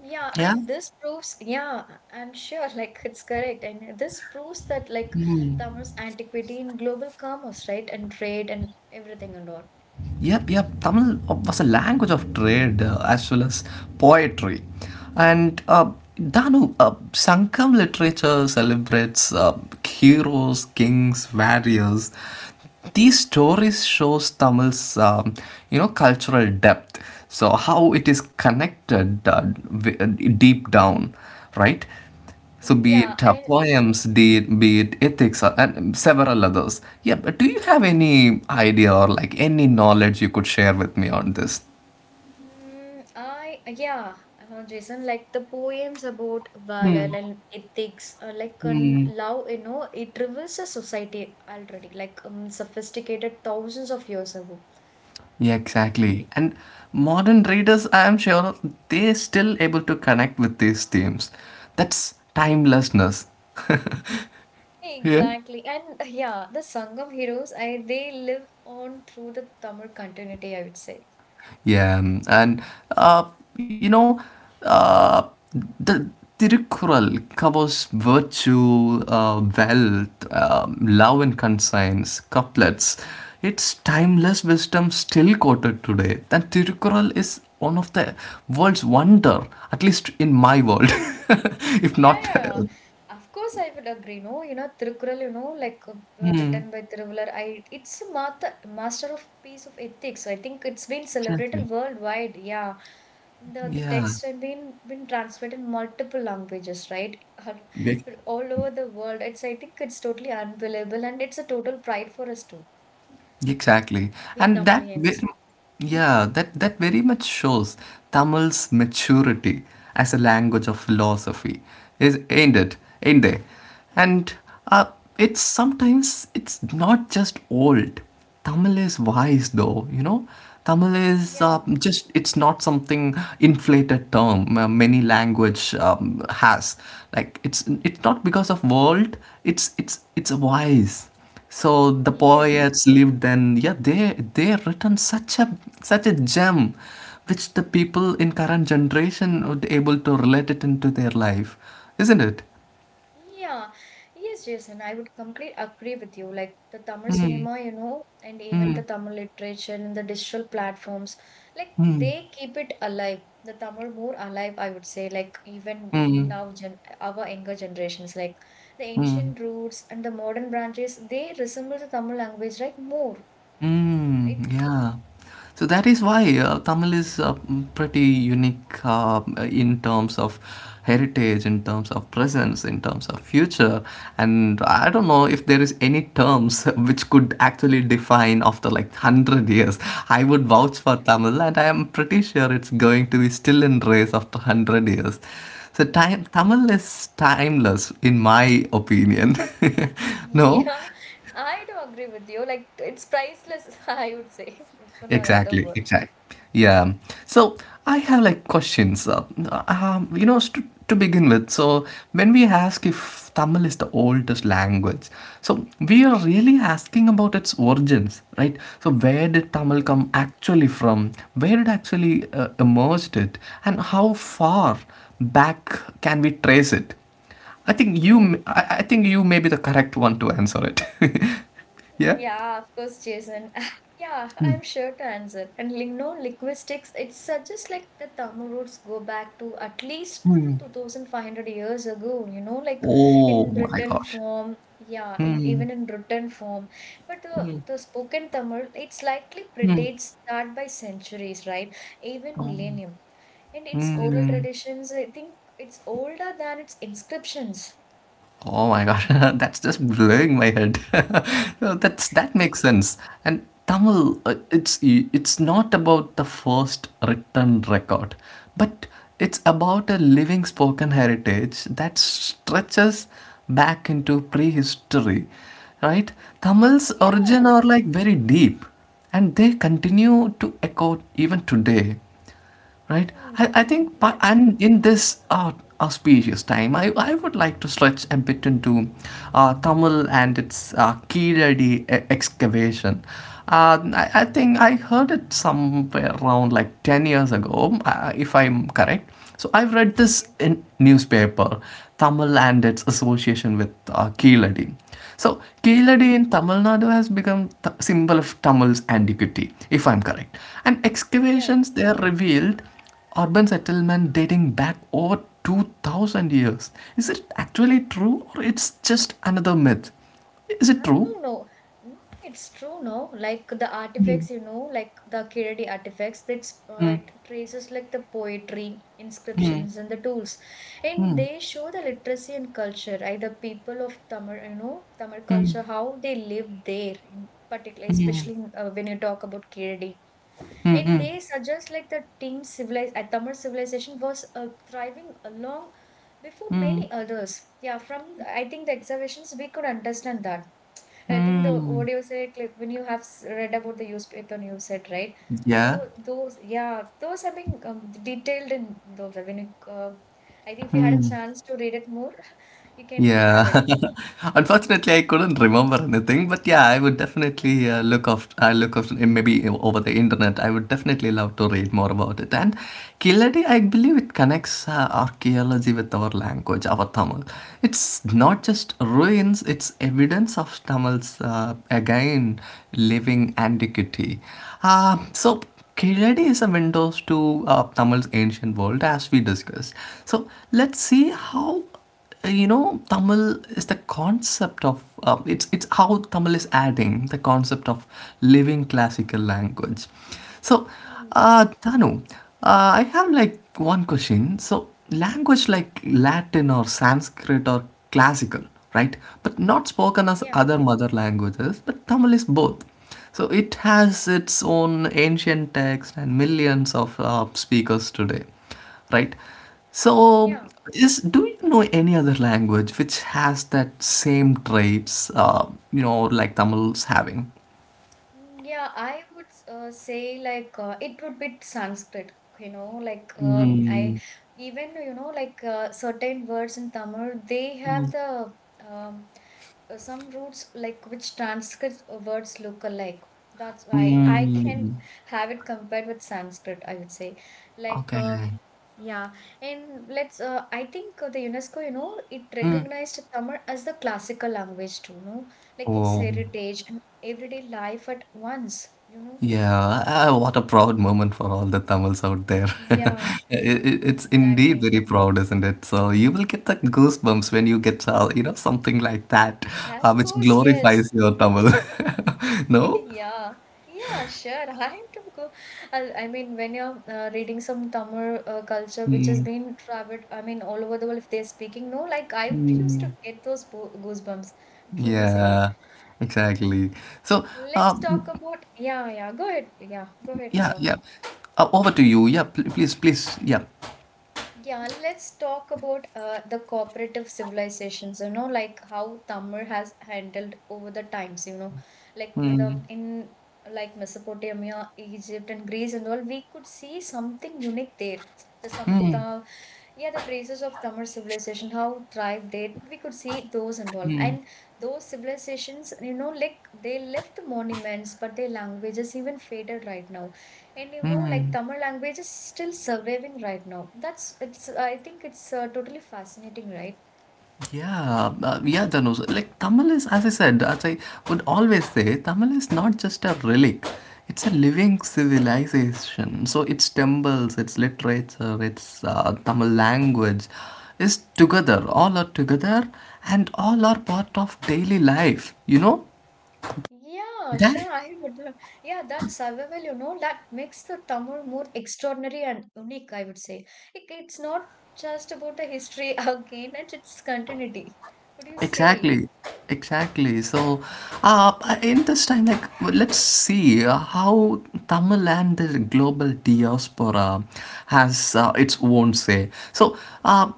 Speaker 1: yeah,
Speaker 2: Yeah.
Speaker 1: and this proves, yeah, I'm sure, like it's correct. And this proves that like Tamar's antiquity in global commerce, right, and trade and everything and all.
Speaker 2: Yep, yep. Tamil was a language of trade as well as poetry. And Danu, Sankam literature celebrates heroes, kings, warriors. These stories shows Tamil's you know, cultural depth. So how it is connected, wi- uh, deep down, right? So be
Speaker 1: Yeah,
Speaker 2: it
Speaker 1: and
Speaker 2: poems, be it ethics, and several others. Yeah, but do you have any idea or like any knowledge you could share with me on this?
Speaker 1: mm, I yeah, Jason, like the poems about valor and ethics, like on love, you know, it reveals a society already, like sophisticated thousands of years ago,
Speaker 2: Yeah,
Speaker 1: right?
Speaker 2: exactly. And modern readers, I am sure, they're still able to connect with these themes. That's timelessness. Yeah.
Speaker 1: Exactly, and yeah, the Sangam heroes, I they live on through the Tamil continuity, I would say.
Speaker 2: Yeah, mm, and uh, you know, uh, the Tirukkural covers virtue, wealth, love and conscience, couplets. Its timeless wisdom still quoted today. That Tirukkural is one of the world's wonder, at least in my world, if
Speaker 1: Yeah,
Speaker 2: not.
Speaker 1: yeah. yeah. Of course, I would agree. No, you know, Tirukural, you know, like written by Tiruvalar, I it's a master, master of piece of ethics. So I think it's been
Speaker 2: Exactly.
Speaker 1: celebrated worldwide. Yeah, the
Speaker 2: Yeah.
Speaker 1: text has been translated in multiple languages, right? All,
Speaker 2: Big.
Speaker 1: all over the world. It's I think it's totally unbelievable, and it's a total pride for us too,
Speaker 2: Exactly.
Speaker 1: we
Speaker 2: And that very,
Speaker 1: Tamilians.
Speaker 2: yeah, that that very much shows Tamil's maturity as a language of philosophy. Is ain't it? Ain't they? And uh, it's sometimes it's not just old. Tamil is wise though, you know. Tamil is
Speaker 1: Yeah,
Speaker 2: just it's not something inflated term many language has. Like it's not because of world, it's it's wise. So the
Speaker 1: yeah.
Speaker 2: poets lived then, yeah, they written such a such a gem, which the people in current generation would able to relate it into their life, isn't it?
Speaker 1: Yeah, yes, Jason, I would completely agree with you. Like the Tamil cinema, you know, and even the Tamil literature and the digital platforms, like they keep it alive. The Tamil more alive, I would say, like even in now gen our younger generations, like the
Speaker 2: Mm.
Speaker 1: ancient roots and the modern branches, they resemble the Tamil language, right? More,
Speaker 2: Mm,
Speaker 1: right?
Speaker 2: yeah. So that is why Tamil is pretty unique in terms of heritage, in terms of presence, in terms of future. And I don't know if there is any terms which could actually define after like 100 years. I would
Speaker 1: No?
Speaker 2: vouch for Tamil, and I am pretty sure it's going to be still in race after 100 years. So
Speaker 1: Ye-
Speaker 2: time,
Speaker 1: ye-
Speaker 2: Tamil is timeless, in my opinion. No?
Speaker 1: Yeah, I do agree with you. Like it's priceless, I would say, for another
Speaker 2: Exactly,
Speaker 1: word.
Speaker 2: exactly. Yeah. So I have like questions. You know, to begin with, so when we ask if Tamil is the oldest language, so we are really asking about its origins, right? So where did Tamil come actually from? Where it actually emerged it, and how far back can we trace it? I think you,
Speaker 1: Mm.
Speaker 2: m- I I think you may be the correct one to answer it. Yeah.
Speaker 1: Yeah, of course, Jason. Yeah, I'm sure to answer. And ling- no linguistics, it suggests like the Tamil roots go back to at least
Speaker 2: Hmm.
Speaker 1: 2500 years ago, you know, like
Speaker 2: Oh
Speaker 1: in
Speaker 2: my
Speaker 1: written
Speaker 2: gosh.
Speaker 1: form. Yeah, in
Speaker 2: Hmm.
Speaker 1: even in written form. But the spoken Tamil, it's likely predates that by centuries, right? Even millennium. And its
Speaker 2: Hmm.
Speaker 1: oral traditions, I think it's older than its inscriptions.
Speaker 2: Oh my god, that's just blowing my head. No, that's that makes sense. And
Speaker 1: Mm.
Speaker 2: Tamil, it's not about the first written record, but it's about a living spoken heritage that stretches back into prehistory, right? Tamil's origin
Speaker 1: Yeah,
Speaker 2: are like very deep, and they continue to echo even today, right? I,
Speaker 1: hmm.
Speaker 2: I think,
Speaker 1: Yeah.
Speaker 2: and in this auspicious time, I would like to stretch a bit into Tamil and its Kiradi excavation. I think I heard it somewhere around like 10 years ago, if I'm correct. So I've read this
Speaker 1: Okay.
Speaker 2: in newspaper, Tamil and its association with Kiradi. So, Keladi
Speaker 1: Okay.
Speaker 2: in Tamil Nadu has become the symbol of Tamil's antiquity, if I'm correct. And
Speaker 1: Yeah. Yeah.
Speaker 2: excavations there revealed urban settlement dating back over 2000 years. Is it actually true or it's just another myth? Is it
Speaker 1: And
Speaker 2: true?
Speaker 1: no. It's true. No, like the artifacts, you know, like the Kiradi artifacts. That's it traces like the poetry, inscriptions, and the tools, and they show the literacy and culture. Right, the people of Tamil, you know, Tamil culture, how they live there in particular, especially when you talk about Kiradi. And they suggest like the teen civilized Tamil civilization was thriving along before many others. Yeah, from I think the observations we could understand that. I think the what do you say like when you have read about the newspaper you said right.
Speaker 2: Yeah.
Speaker 1: So those, yeah, those have been detailed in those. I mean, I think if you had a chance to read it more, you can have it.
Speaker 2: Yeah. Unfortunately, I couldn't remember anything, but yeah, I would
Speaker 1: Okay.
Speaker 2: definitely look off. I look off maybe over the internet. I would definitely love to read more about it. And Killadi, I believe it connects archaeology with our language, our Tamil. It's not just ruins; it's evidence of Tamil's again living antiquity. So Kiradi is a window to Tamil's ancient world, as we discussed. So let's see how you know, tamil is the concept of it's how Tamil is adding the concept of living classical language. So
Speaker 1: Yeah,
Speaker 2: tanu I have like one question. So language like Latin or Sanskrit or classical, right, but not spoken as
Speaker 1: yeah,
Speaker 2: other mother languages, but Tamil is both. So it has its own ancient text and millions of speakers today, right? So,
Speaker 1: yeah.
Speaker 2: is, do you know any other language which has that same traits, you know, like Tamil's having?
Speaker 1: Yeah, I would say like it would be Sanskrit, you know, like I even you know like certain words in Tamil they have the um, some roots like which transcript words look alike. That's why I can
Speaker 2: Mm,
Speaker 1: have it compared with Sanskrit, I would say. Like
Speaker 2: okay.
Speaker 1: yeah, and let's I think the UNESCO, you know, it
Speaker 2: Mm.
Speaker 1: recognized Tamil as the classical language too, no? Like its
Speaker 2: Oh,
Speaker 1: heritage everyday life at once, you know?
Speaker 2: yeah. Ah, what a proud moment for all the Tamils out there.
Speaker 1: Yeah,
Speaker 2: It's indeed
Speaker 1: exactly.
Speaker 2: very proud, isn't it? So you will get the goosebumps when you get, you know, something like that,
Speaker 1: Of
Speaker 2: which
Speaker 1: course, yes.
Speaker 2: glorifies your Tamil. No?
Speaker 1: Yeah. Yeah, sure. I am to go. I mean, when you're reading some Tamil culture, which has
Speaker 2: Hmm.
Speaker 1: been traveled, I mean, all over the world, if they're speaking, no, like I used to get those goosebumps, truly saying.
Speaker 2: Yeah, exactly. So,
Speaker 1: Let's
Speaker 2: um,
Speaker 1: talk about. Yeah, yeah. Go ahead. Yeah, go ahead.
Speaker 2: yeah, yeah. Over to you. Yeah, please, please. Yeah,
Speaker 1: Yeah, let's talk about the cooperative civilizations, you know, like how Tamir has handled over the times, you know, like in like Mesopotamia, Egypt and Greece and all, we could see something unique there. The some the Yeah, the traces of Tamil civilization, how thrived they we could see those and all. And those civilizations, you know, like they left monuments, but their languages even faded right now. And you know, like Tamil language is still surviving right now. That's it's. I think it's totally fascinating, right?
Speaker 2: yeah, yeah. Dhanush, like Tamil is, as I said, as I would always say, Tamil is not just a relic. It's a living civilization. So its temples, its literature, its Tamil language is together. All are together, and all are part of daily life. You know
Speaker 1: Yeah,
Speaker 2: that.
Speaker 1: sure. I would. Yeah, that survival, you know, that makes the Tamil more extraordinary and unique. I would say it's not just about the history again; it's its continuity. What do you say?
Speaker 2: Exactly, exactly. So, uh, in this time, like, let's see how Tamil and the global diaspora has its own say. So, uh,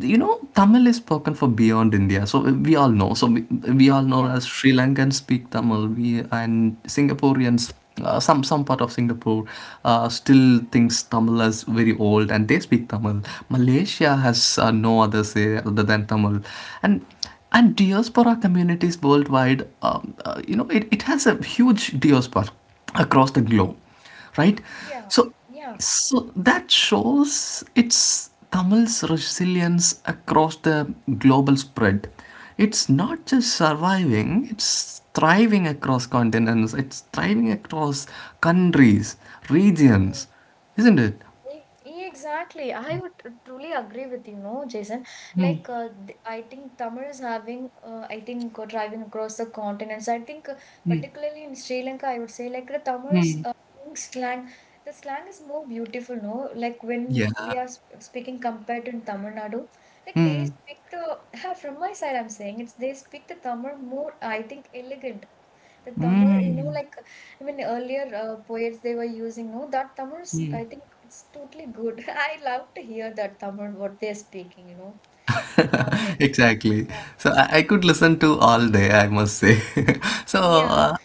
Speaker 2: you know, Tamil is spoken for beyond India. So we all know. So we all know
Speaker 1: Yeah,
Speaker 2: as Sri Lankans speak Tamil. We and Singaporeans. Some part of Singapore still thinks Tamil as very old, and they speak Tamil. Malaysia has no other say other than Tamil, and diaspora communities worldwide, you know, it has a huge diaspora across the globe, right?
Speaker 1: yeah,
Speaker 2: So
Speaker 1: yeah.
Speaker 2: so that shows its Tamil's resilience across the global spread. It's not just surviving, it's thriving across continents, it's thriving across countries, regions, isn't it?
Speaker 1: E- Exactly. I would truly agree with you, no, Jason. Like, I think Tamil is having, I think, driving across the continents. I think, particularly in Sri Lanka, I would say, like, the Tamil's slang, the slang is more beautiful, no? Like, when
Speaker 2: Yeah.
Speaker 1: we are sp speaking compared to in Tamil Nadu, like, they speak the, from my side, I'm saying, it's they speak the Tamil more, I think, elegant the Tamil, you know, like even earlier poets they were using, no, that Tamil's, I think it's totally good. I love to hear that Tamil, what they're speaking, you know. Like,
Speaker 2: Exactly.
Speaker 1: yeah,
Speaker 2: So I could listen to all day, I must say. So
Speaker 1: yeah,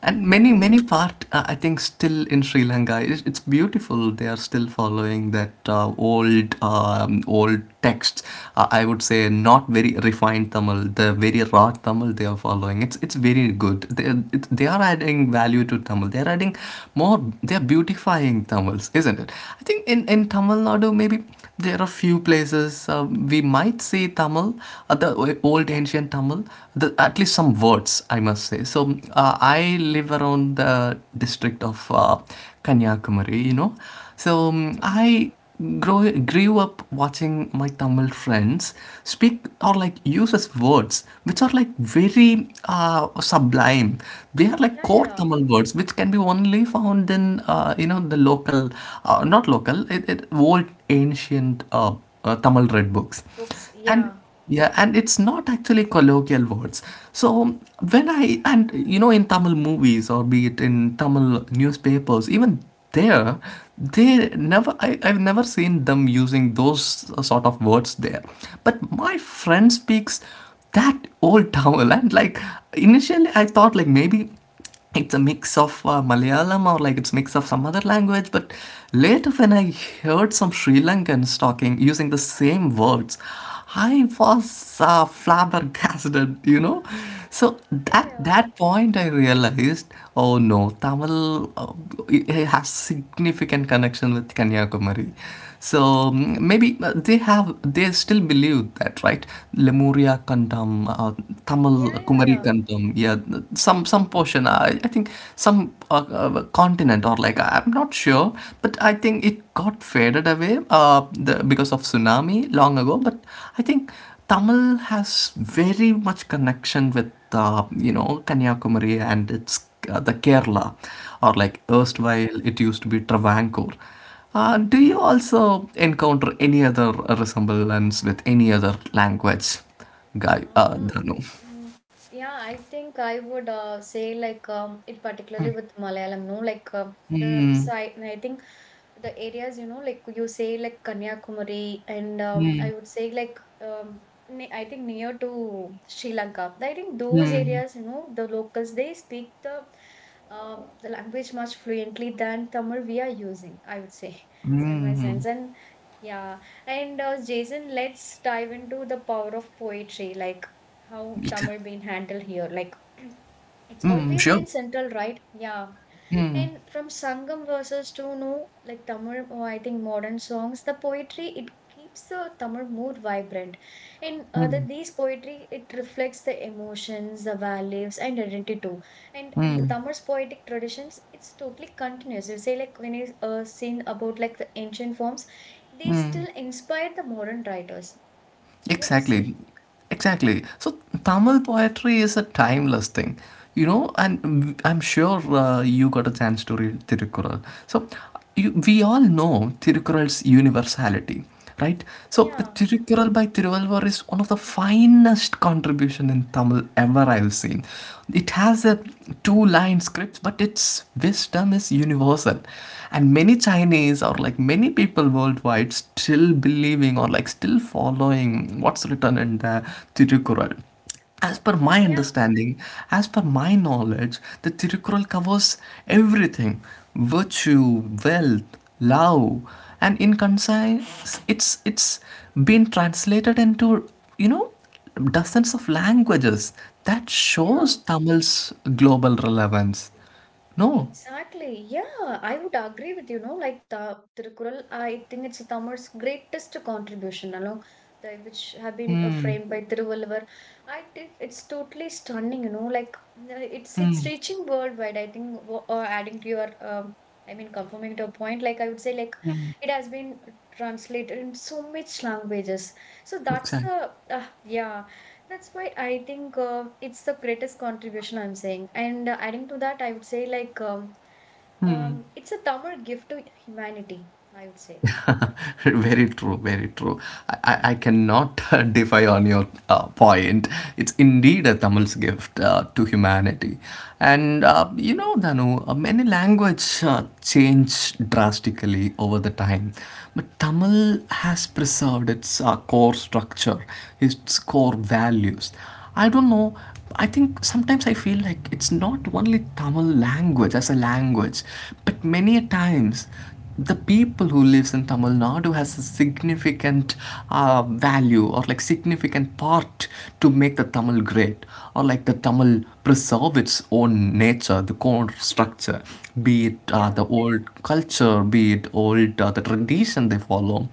Speaker 2: and
Speaker 1: yeah.
Speaker 2: many, many part, I think still in Sri Lanka, it's beautiful. They are still following that old texts. I would say, not very refined Tamil, the very raw Tamil they are following. It's very good. They are adding value to Tamil. They are adding more. They are beautifying Tamils, isn't it? I think in Tamil Nadu, maybe there are few places we might see Tamil, the old ancient Kamal, the, at least some words, I must say. So I live around the district of Kanyakumari, you know. So
Speaker 1: Mm.
Speaker 2: grew up watching my Tamil friends speak or like use as words which are like very sublime. They are like
Speaker 1: Yeah, yeah,
Speaker 2: core
Speaker 1: yeah.
Speaker 2: Tamil words which can be only found in you know, the local, not local, old ancient Tamil red books,
Speaker 1: Books,
Speaker 2: and
Speaker 1: yeah.
Speaker 2: yeah, and it's not actually colloquial words. So when I, and you know, in Tamil movies or be it in Tamil newspapers, even there, they never I, I've never seen them using those sort of words there. But my friend speaks that old Tamil, and like initially I thought like maybe it's a mix of Malayalam or like it's a mix of some other language. But later, when I heard some Sri Lankans talking using the same words, I was flabbergasted, you know. So
Speaker 1: Yeah,
Speaker 2: at
Speaker 1: yeah,
Speaker 2: that point, I realized, oh no, Tamil, it has significant connection with Kanyakumari. So mm, maybe they have they still believe that, right? Lemuria Kandam, Tamil
Speaker 1: yeah, yeah,
Speaker 2: Kumari
Speaker 1: yeah.
Speaker 2: Kandam, yeah,
Speaker 1: Come
Speaker 2: some portion. I think some continent or like I'm not sure, but I think it got faded away because of tsunami long ago. But I think Tamil has very much connection with you know, Kanyakumari and its the Kerala,
Speaker 1: on.
Speaker 2: or
Speaker 1: Mm-hmm.
Speaker 2: like
Speaker 1: Yeah.
Speaker 2: erstwhile it used to be Travancore. Do you also encounter any other resemblance with any other language, guy?
Speaker 1: Um,
Speaker 2: Dhanu?
Speaker 1: mm, yeah, I think I would say like it particularly with Malayalam, no, like the side. I think the areas, you know, like you say like Kanyakumari, and I would say like ne I think near to Sri Lanka. I think those areas, you know, the locals they speak the language much fluently than Tamil we are using. I would say so in my
Speaker 2: Mm,
Speaker 1: sense, and yeah, and Jason, let's dive into the power of poetry, like how
Speaker 2: it-
Speaker 1: Tamil been handled here. Like it's
Speaker 2: mm,
Speaker 1: always
Speaker 2: sure.
Speaker 1: been central, right? Yeah, and from Sangam verses to no like Tamil or I think modern songs, the poetry it keeps the Tamil more vibrant. And that these poetry it reflects the emotions, the values, and identity too. And the Tamil's poetic traditions it's totally continuous. You say like when you seen about like the ancient forms, they still inspire the modern writers. What do you say?
Speaker 2: Exactly, exactly. So Tamil poetry is a timeless thing, you know, and I'm sure you got a chance to read Tirukkural. So we all know Tirukkural's universality, right? So the
Speaker 1: Yeah,
Speaker 2: Tirukkural by Tiruvalvar is one of the finest contribution in Tamil ever I've seen. It has a two-line script, but its wisdom is universal, and many Chinese or like many people worldwide still believing or like still following what's written in the Tirukural. As per my
Speaker 1: yeah,
Speaker 2: understanding, as per my knowledge, the Tirukural covers everything: virtue, wealth, love, and in concise, it's been translated into, you know, dozens of languages. That shows
Speaker 1: yeah.
Speaker 2: Tamil's global relevance. No,
Speaker 1: Exactly. Yeah, I would agree with you. No, like the Tirukural, I think it's Tamil's greatest contribution, you know, the, which have been framed by Tiruvalluvar. I think it's totally stunning. You know, like it's reaching worldwide. I think adding to your, I mean, confirming to a point, like I would say, like it has been translated in so much languages. So that's
Speaker 2: exactly.
Speaker 1: the yeah. That's why I think it's the greatest contribution I'm saying. And adding to that, I would say like it's a Tamil gift to humanity. I would say.
Speaker 2: Very true, very true. I cannot defy on your point. It's indeed a Tamil's gift to humanity. And
Speaker 1: Yeah.
Speaker 2: Danu, many language change drastically over the time, but Tamil has preserved its core structure, its core values. I don't know. I think sometimes I feel like it's not only Tamil language as a language, but many a times the people who lives in Tamil Nadu has a significant value or like significant part to make the Tamil great or like the Tamil preserve its own nature, the core structure, be it
Speaker 1: Yeah.
Speaker 2: the old culture, be it old the tradition they follow.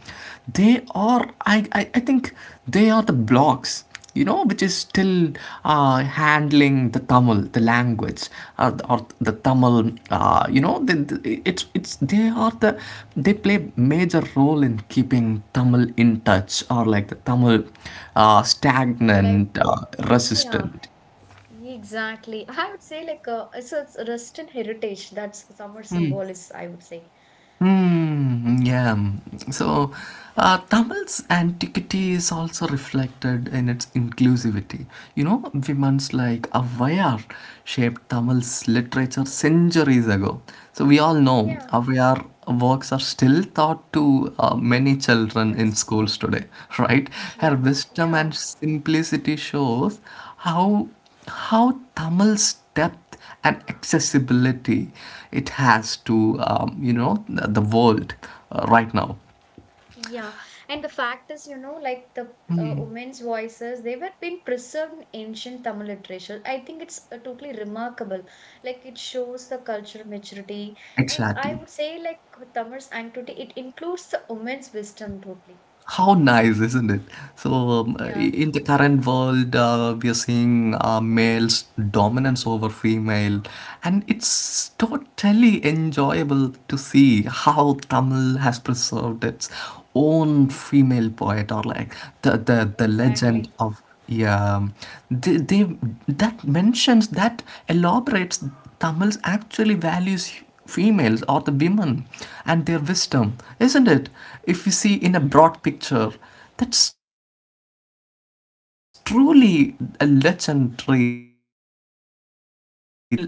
Speaker 2: They are, I think they are the blocks, which is still handling the Tamil, the language, or the Tamil. It's they are the they play major role in keeping Tamil in touch or like the Tamil
Speaker 1: Like
Speaker 2: stagnant,
Speaker 1: yeah,
Speaker 2: resistant.
Speaker 1: exactly. I would say like so it's a Russian heritage. That's summer symbol is I would say.
Speaker 2: Hmm, yeah. Mm. So, Tamil's antiquity is also reflected in its inclusivity. Women's like Avvayar shaped Tamil's literature centuries ago. So, we all know
Speaker 1: Yeah.
Speaker 2: Avvayar works are still taught to many children in
Speaker 1: Children's.
Speaker 2: schools today, right? Her
Speaker 1: Yeah.
Speaker 2: wisdom and
Speaker 1: Yeah.
Speaker 2: simplicity shows how how Tamil's depth and accessibility it has to the world right now.
Speaker 1: Yeah, and the fact is, you know, like the women's voices, they were being preserved in ancient Tamil literature. I think it's totally remarkable. Like it shows the cultural maturity, and I
Speaker 2: Exactly.
Speaker 1: would say like Tamil's antiquity, it includes the women's wisdom totally.
Speaker 2: How nice, isn't it? So,
Speaker 1: Yeah,
Speaker 2: in the current world, we are seeing males' dominance over female, and it's totally enjoyable to see how Tamil has preserved its own female poet, or like the legend
Speaker 1: exactly.
Speaker 2: of yeah, they that mentions that elaborates Tamils actually values females or the women and their wisdom, isn't it? If you see
Speaker 1: Yeah,
Speaker 2: in a broad picture, that's truly a legendary thing from Tamil, which I'm sure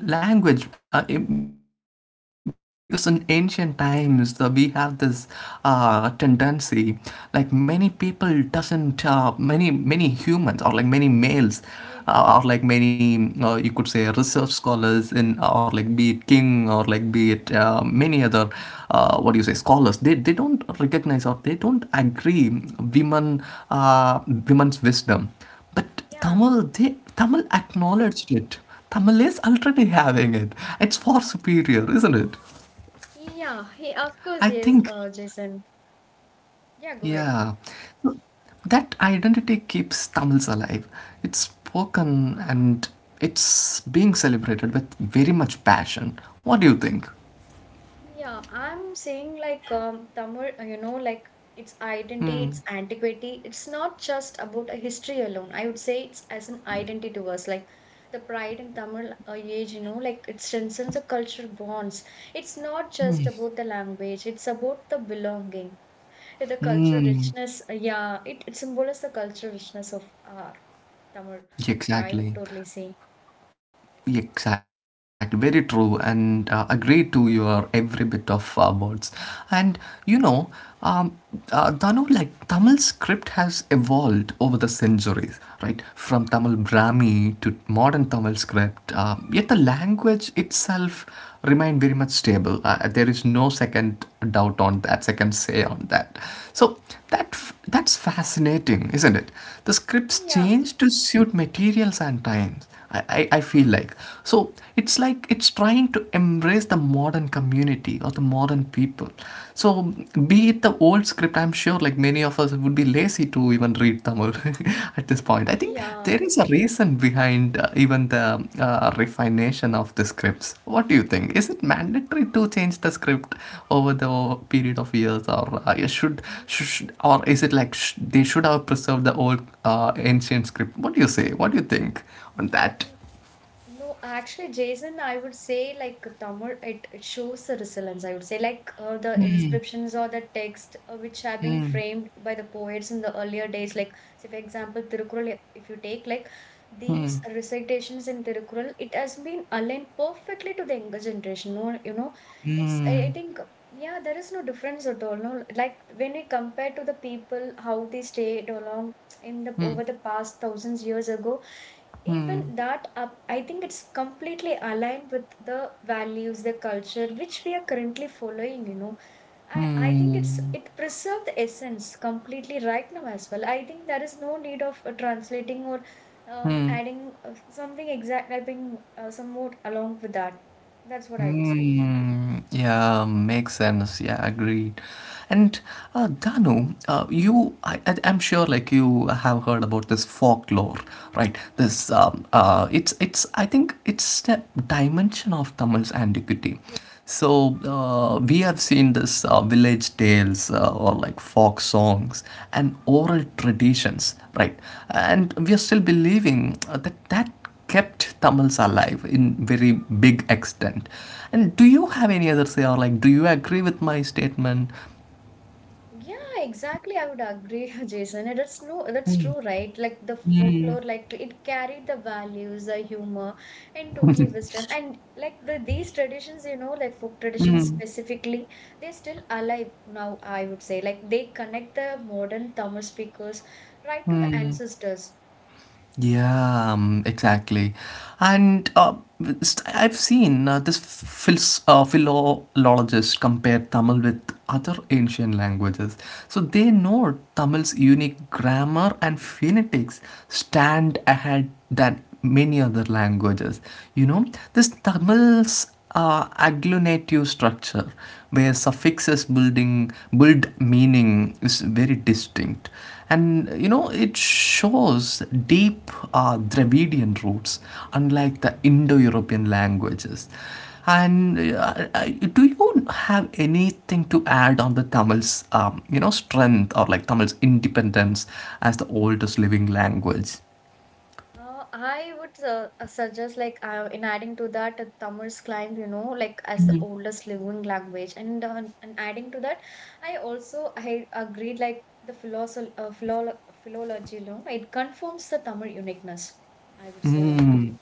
Speaker 2: and many language because in ancient times the, we have this tendency like many people doesn't many humans or like many males
Speaker 1: yeah,
Speaker 2: or like many you could say research scholars in or like be it king or like be it many other what do you say, scholars they don't recognize or they don't agree women, uh, women's wisdom. But
Speaker 1: yeah,
Speaker 2: tamil they Tamil acknowledged it. Tamil is already having it. It's far superior, isn't it?
Speaker 1: yeah. Yeah, of
Speaker 2: I
Speaker 1: course, yes,
Speaker 2: think.
Speaker 1: Jason. Yeah, go ahead.
Speaker 2: Yeah. So that identity keeps Tamils alive. It's spoken and it's being celebrated with very much passion. What do you think?
Speaker 1: Yeah, I'm saying like Tamil, you know, like its identity, its antiquity. It's not just about a history alone. I would say it's as an identity to us, like the pride in Tamil age, you know, like it strengthens the cultural bonds. It's not just about the language. It's about the belonging, the cultural richness. Yeah, it symbolizes the cultural richness of uh, Tamil. You, I would
Speaker 2: Exactly.
Speaker 1: totally say.
Speaker 2: Exactly, very true, and agree to your every bit of words. And you know, um, Danu, like Tamil script has evolved over the centuries, right? From Tamil Brahmi to modern Tamil script, yet the language itself remained very much stable. There is no second doubt on that, second say on that. So that's fascinating, isn't it? The scripts
Speaker 1: Yeah,
Speaker 2: change to suit materials and times. I feel like. So it's like it's trying to embrace the modern community or the modern people. So be it the old script, I'm sure like many of us would be lazy to even read Tamil at this point. I think there is a reason behind even the refination of the scripts. What do you think? Is it mandatory to change the script over the period of
Speaker 1: yeah.
Speaker 2: years, or yeah, or is it like they should have preserved the old ancient script? What do you say? What do you think on that?
Speaker 1: No, actually, Jason, I would say like Tamil, it shows the resilience. I would say like the inscriptions or the text which have been framed by the poets in the earlier days. Like, say for example, Tirukkural, if you take like these recitations in Tirukkural, it has been aligned perfectly to the younger generation. No, you know, it's I think yeah, there is no difference at all. No, like when we compare to the people how they stayed along in the over the past thousands years ago, even that up, I think it's completely aligned with the values, the culture which we are currently following, you know, I think it's it preserves the essence completely right now as well. I think there is no need of translating or adding something exact. I think some more along with that, that's what I would say.
Speaker 2: Mm, yeah, makes sense. Yeah, agreed. And Danu, I'm sure, like you have heard about this folklore, right? This, I think it's a dimension of Tamil's antiquity. So we have seen this village tales or like folk songs and oral traditions, right? And we are still believing that that kept Tamils alive in very big extent. And do you have any other say or like do you agree with my statement?
Speaker 1: Yeah, exactly. I would agree, Jason. And that's no, that's true, right? Like the folklore, like it carried the values, the humor, and totally wisdom. And like the these traditions, you know, like folk traditions specifically, they're still alive now, I would say. Like they connect the modern Tamil speakers right to the ancestors.
Speaker 2: Yeah, exactly. And I've seen this philologist compare Tamil with other ancient languages. So they know Tamil's unique grammar and phonetics stand ahead than many other languages. You know, this Tamil's agglutinative structure where suffixes building build meaning is very distinct, and it shows deep dravidian roots unlike the indo-european languages. And do you have anything to add on the tamil's strength or like tamil's independence as the oldest living language?
Speaker 1: I would suggest, like, in adding to that, Tamil's climbed, you know, like as the oldest living language, and adding to that, I also I agreed, like the philosoph philo philology alone, it confirms the Tamil uniqueness. I would say on that.
Speaker 2: Mm,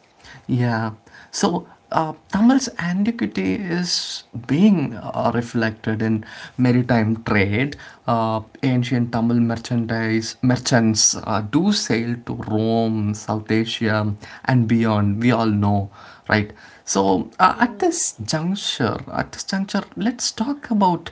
Speaker 2: yeah. So, Tamil's antiquity is being reflected in maritime trade. Ancient Tamil merchandise merchants do sail to Rome, South Asia, and beyond. We all know, right? So,
Speaker 1: Yeah.
Speaker 2: at this juncture, let's talk about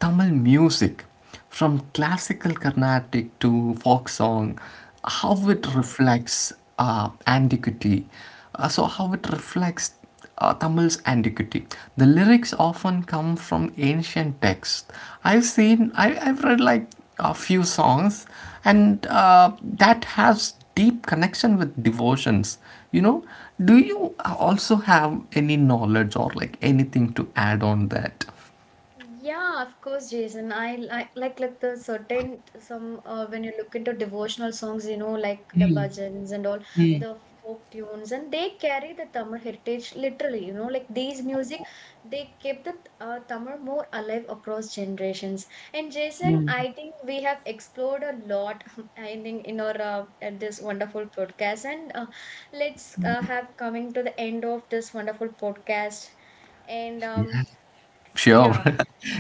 Speaker 2: Tamil music from classical Carnatic to folk song, how it
Speaker 1: Mm. Yeah.
Speaker 2: reflects antiquity. So, how it reflects Tamil's antiquity. The lyrics often come from ancient texts. I've seen. I've read like a few songs, and that has deep connection with devotions. You know, do you also have any knowledge or like anything to add on that?
Speaker 1: Yeah, of course, Jason. I like the certain some when you look into devotional songs, you know, like the bhajans and all the folk tunes, and they carry the Tamil heritage literally. You know, like these music, they keep the Tamil more alive across generations. And Jason, I think we have explored a lot. I think in our at this wonderful podcast, and let's have coming to the end of this wonderful podcast, and
Speaker 2: Sure.
Speaker 1: yeah.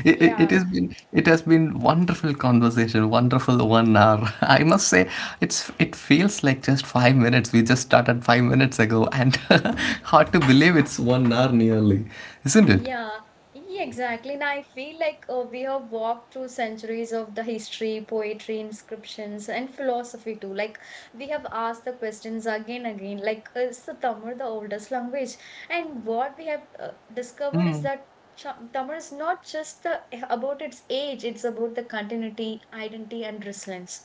Speaker 2: It, it, it
Speaker 1: Yeah,
Speaker 2: has been it has been wonderful conversation, wonderful 1 hour. I must say it feels like just 5 minutes. We just started 5 minutes ago, and hard to believe it's 1 hour nearly, isn't it?
Speaker 1: yeah, yeah, exactly. And I feel like we have walked through centuries of the history, poetry, inscriptions, and philosophy too. Like we have asked the questions again and again. Like is the Tamil the oldest language? And what we have discovered is that Tamil is not just the about its age; it's about the continuity, identity, and resilience.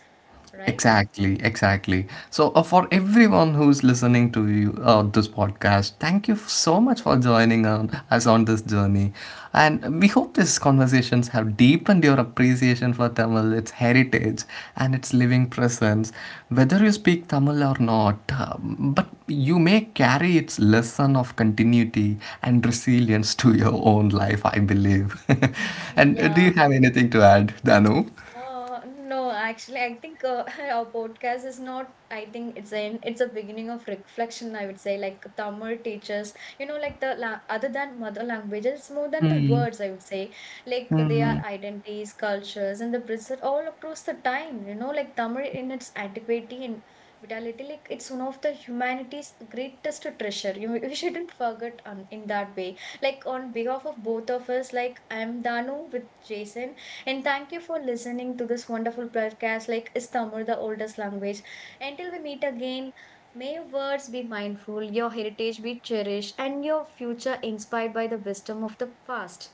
Speaker 1: Right?
Speaker 2: Exactly, exactly. So, for everyone who's listening to you this podcast, thank you so much for joining on, us on this journey. And we hope these conversations have deepened your appreciation for Tamil, its heritage, and its living presence. Whether you speak Tamil or not, but you may carry its lesson of continuity and resilience to your own life, I believe. And do you
Speaker 1: Yeah.
Speaker 2: have anything to add, Danu?
Speaker 1: No, actually, I think our podcast is not. I think it's an it's a beginning of reflection. I would say, like Tamil teachers, you know, like the la other than mother languages, it's more than the words. I would say, like they are identities, cultures, and the present all across the time. You know, like Tamil in its antiquity and vitality, like it's one of the humanity's greatest treasure. You we shouldn't forget on in that way. Like on behalf of both of us, like I'm Danu with Jason. And thank you for listening to this wonderful podcast like Is Tamil the oldest language? Until we meet again, may your words be mindful, your heritage be cherished, and your future inspired by the wisdom of the past.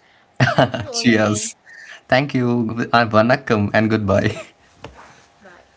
Speaker 1: Thank you all again.
Speaker 2: Cheers. Thank you. Vanakkam and goodbye.
Speaker 1: Bye.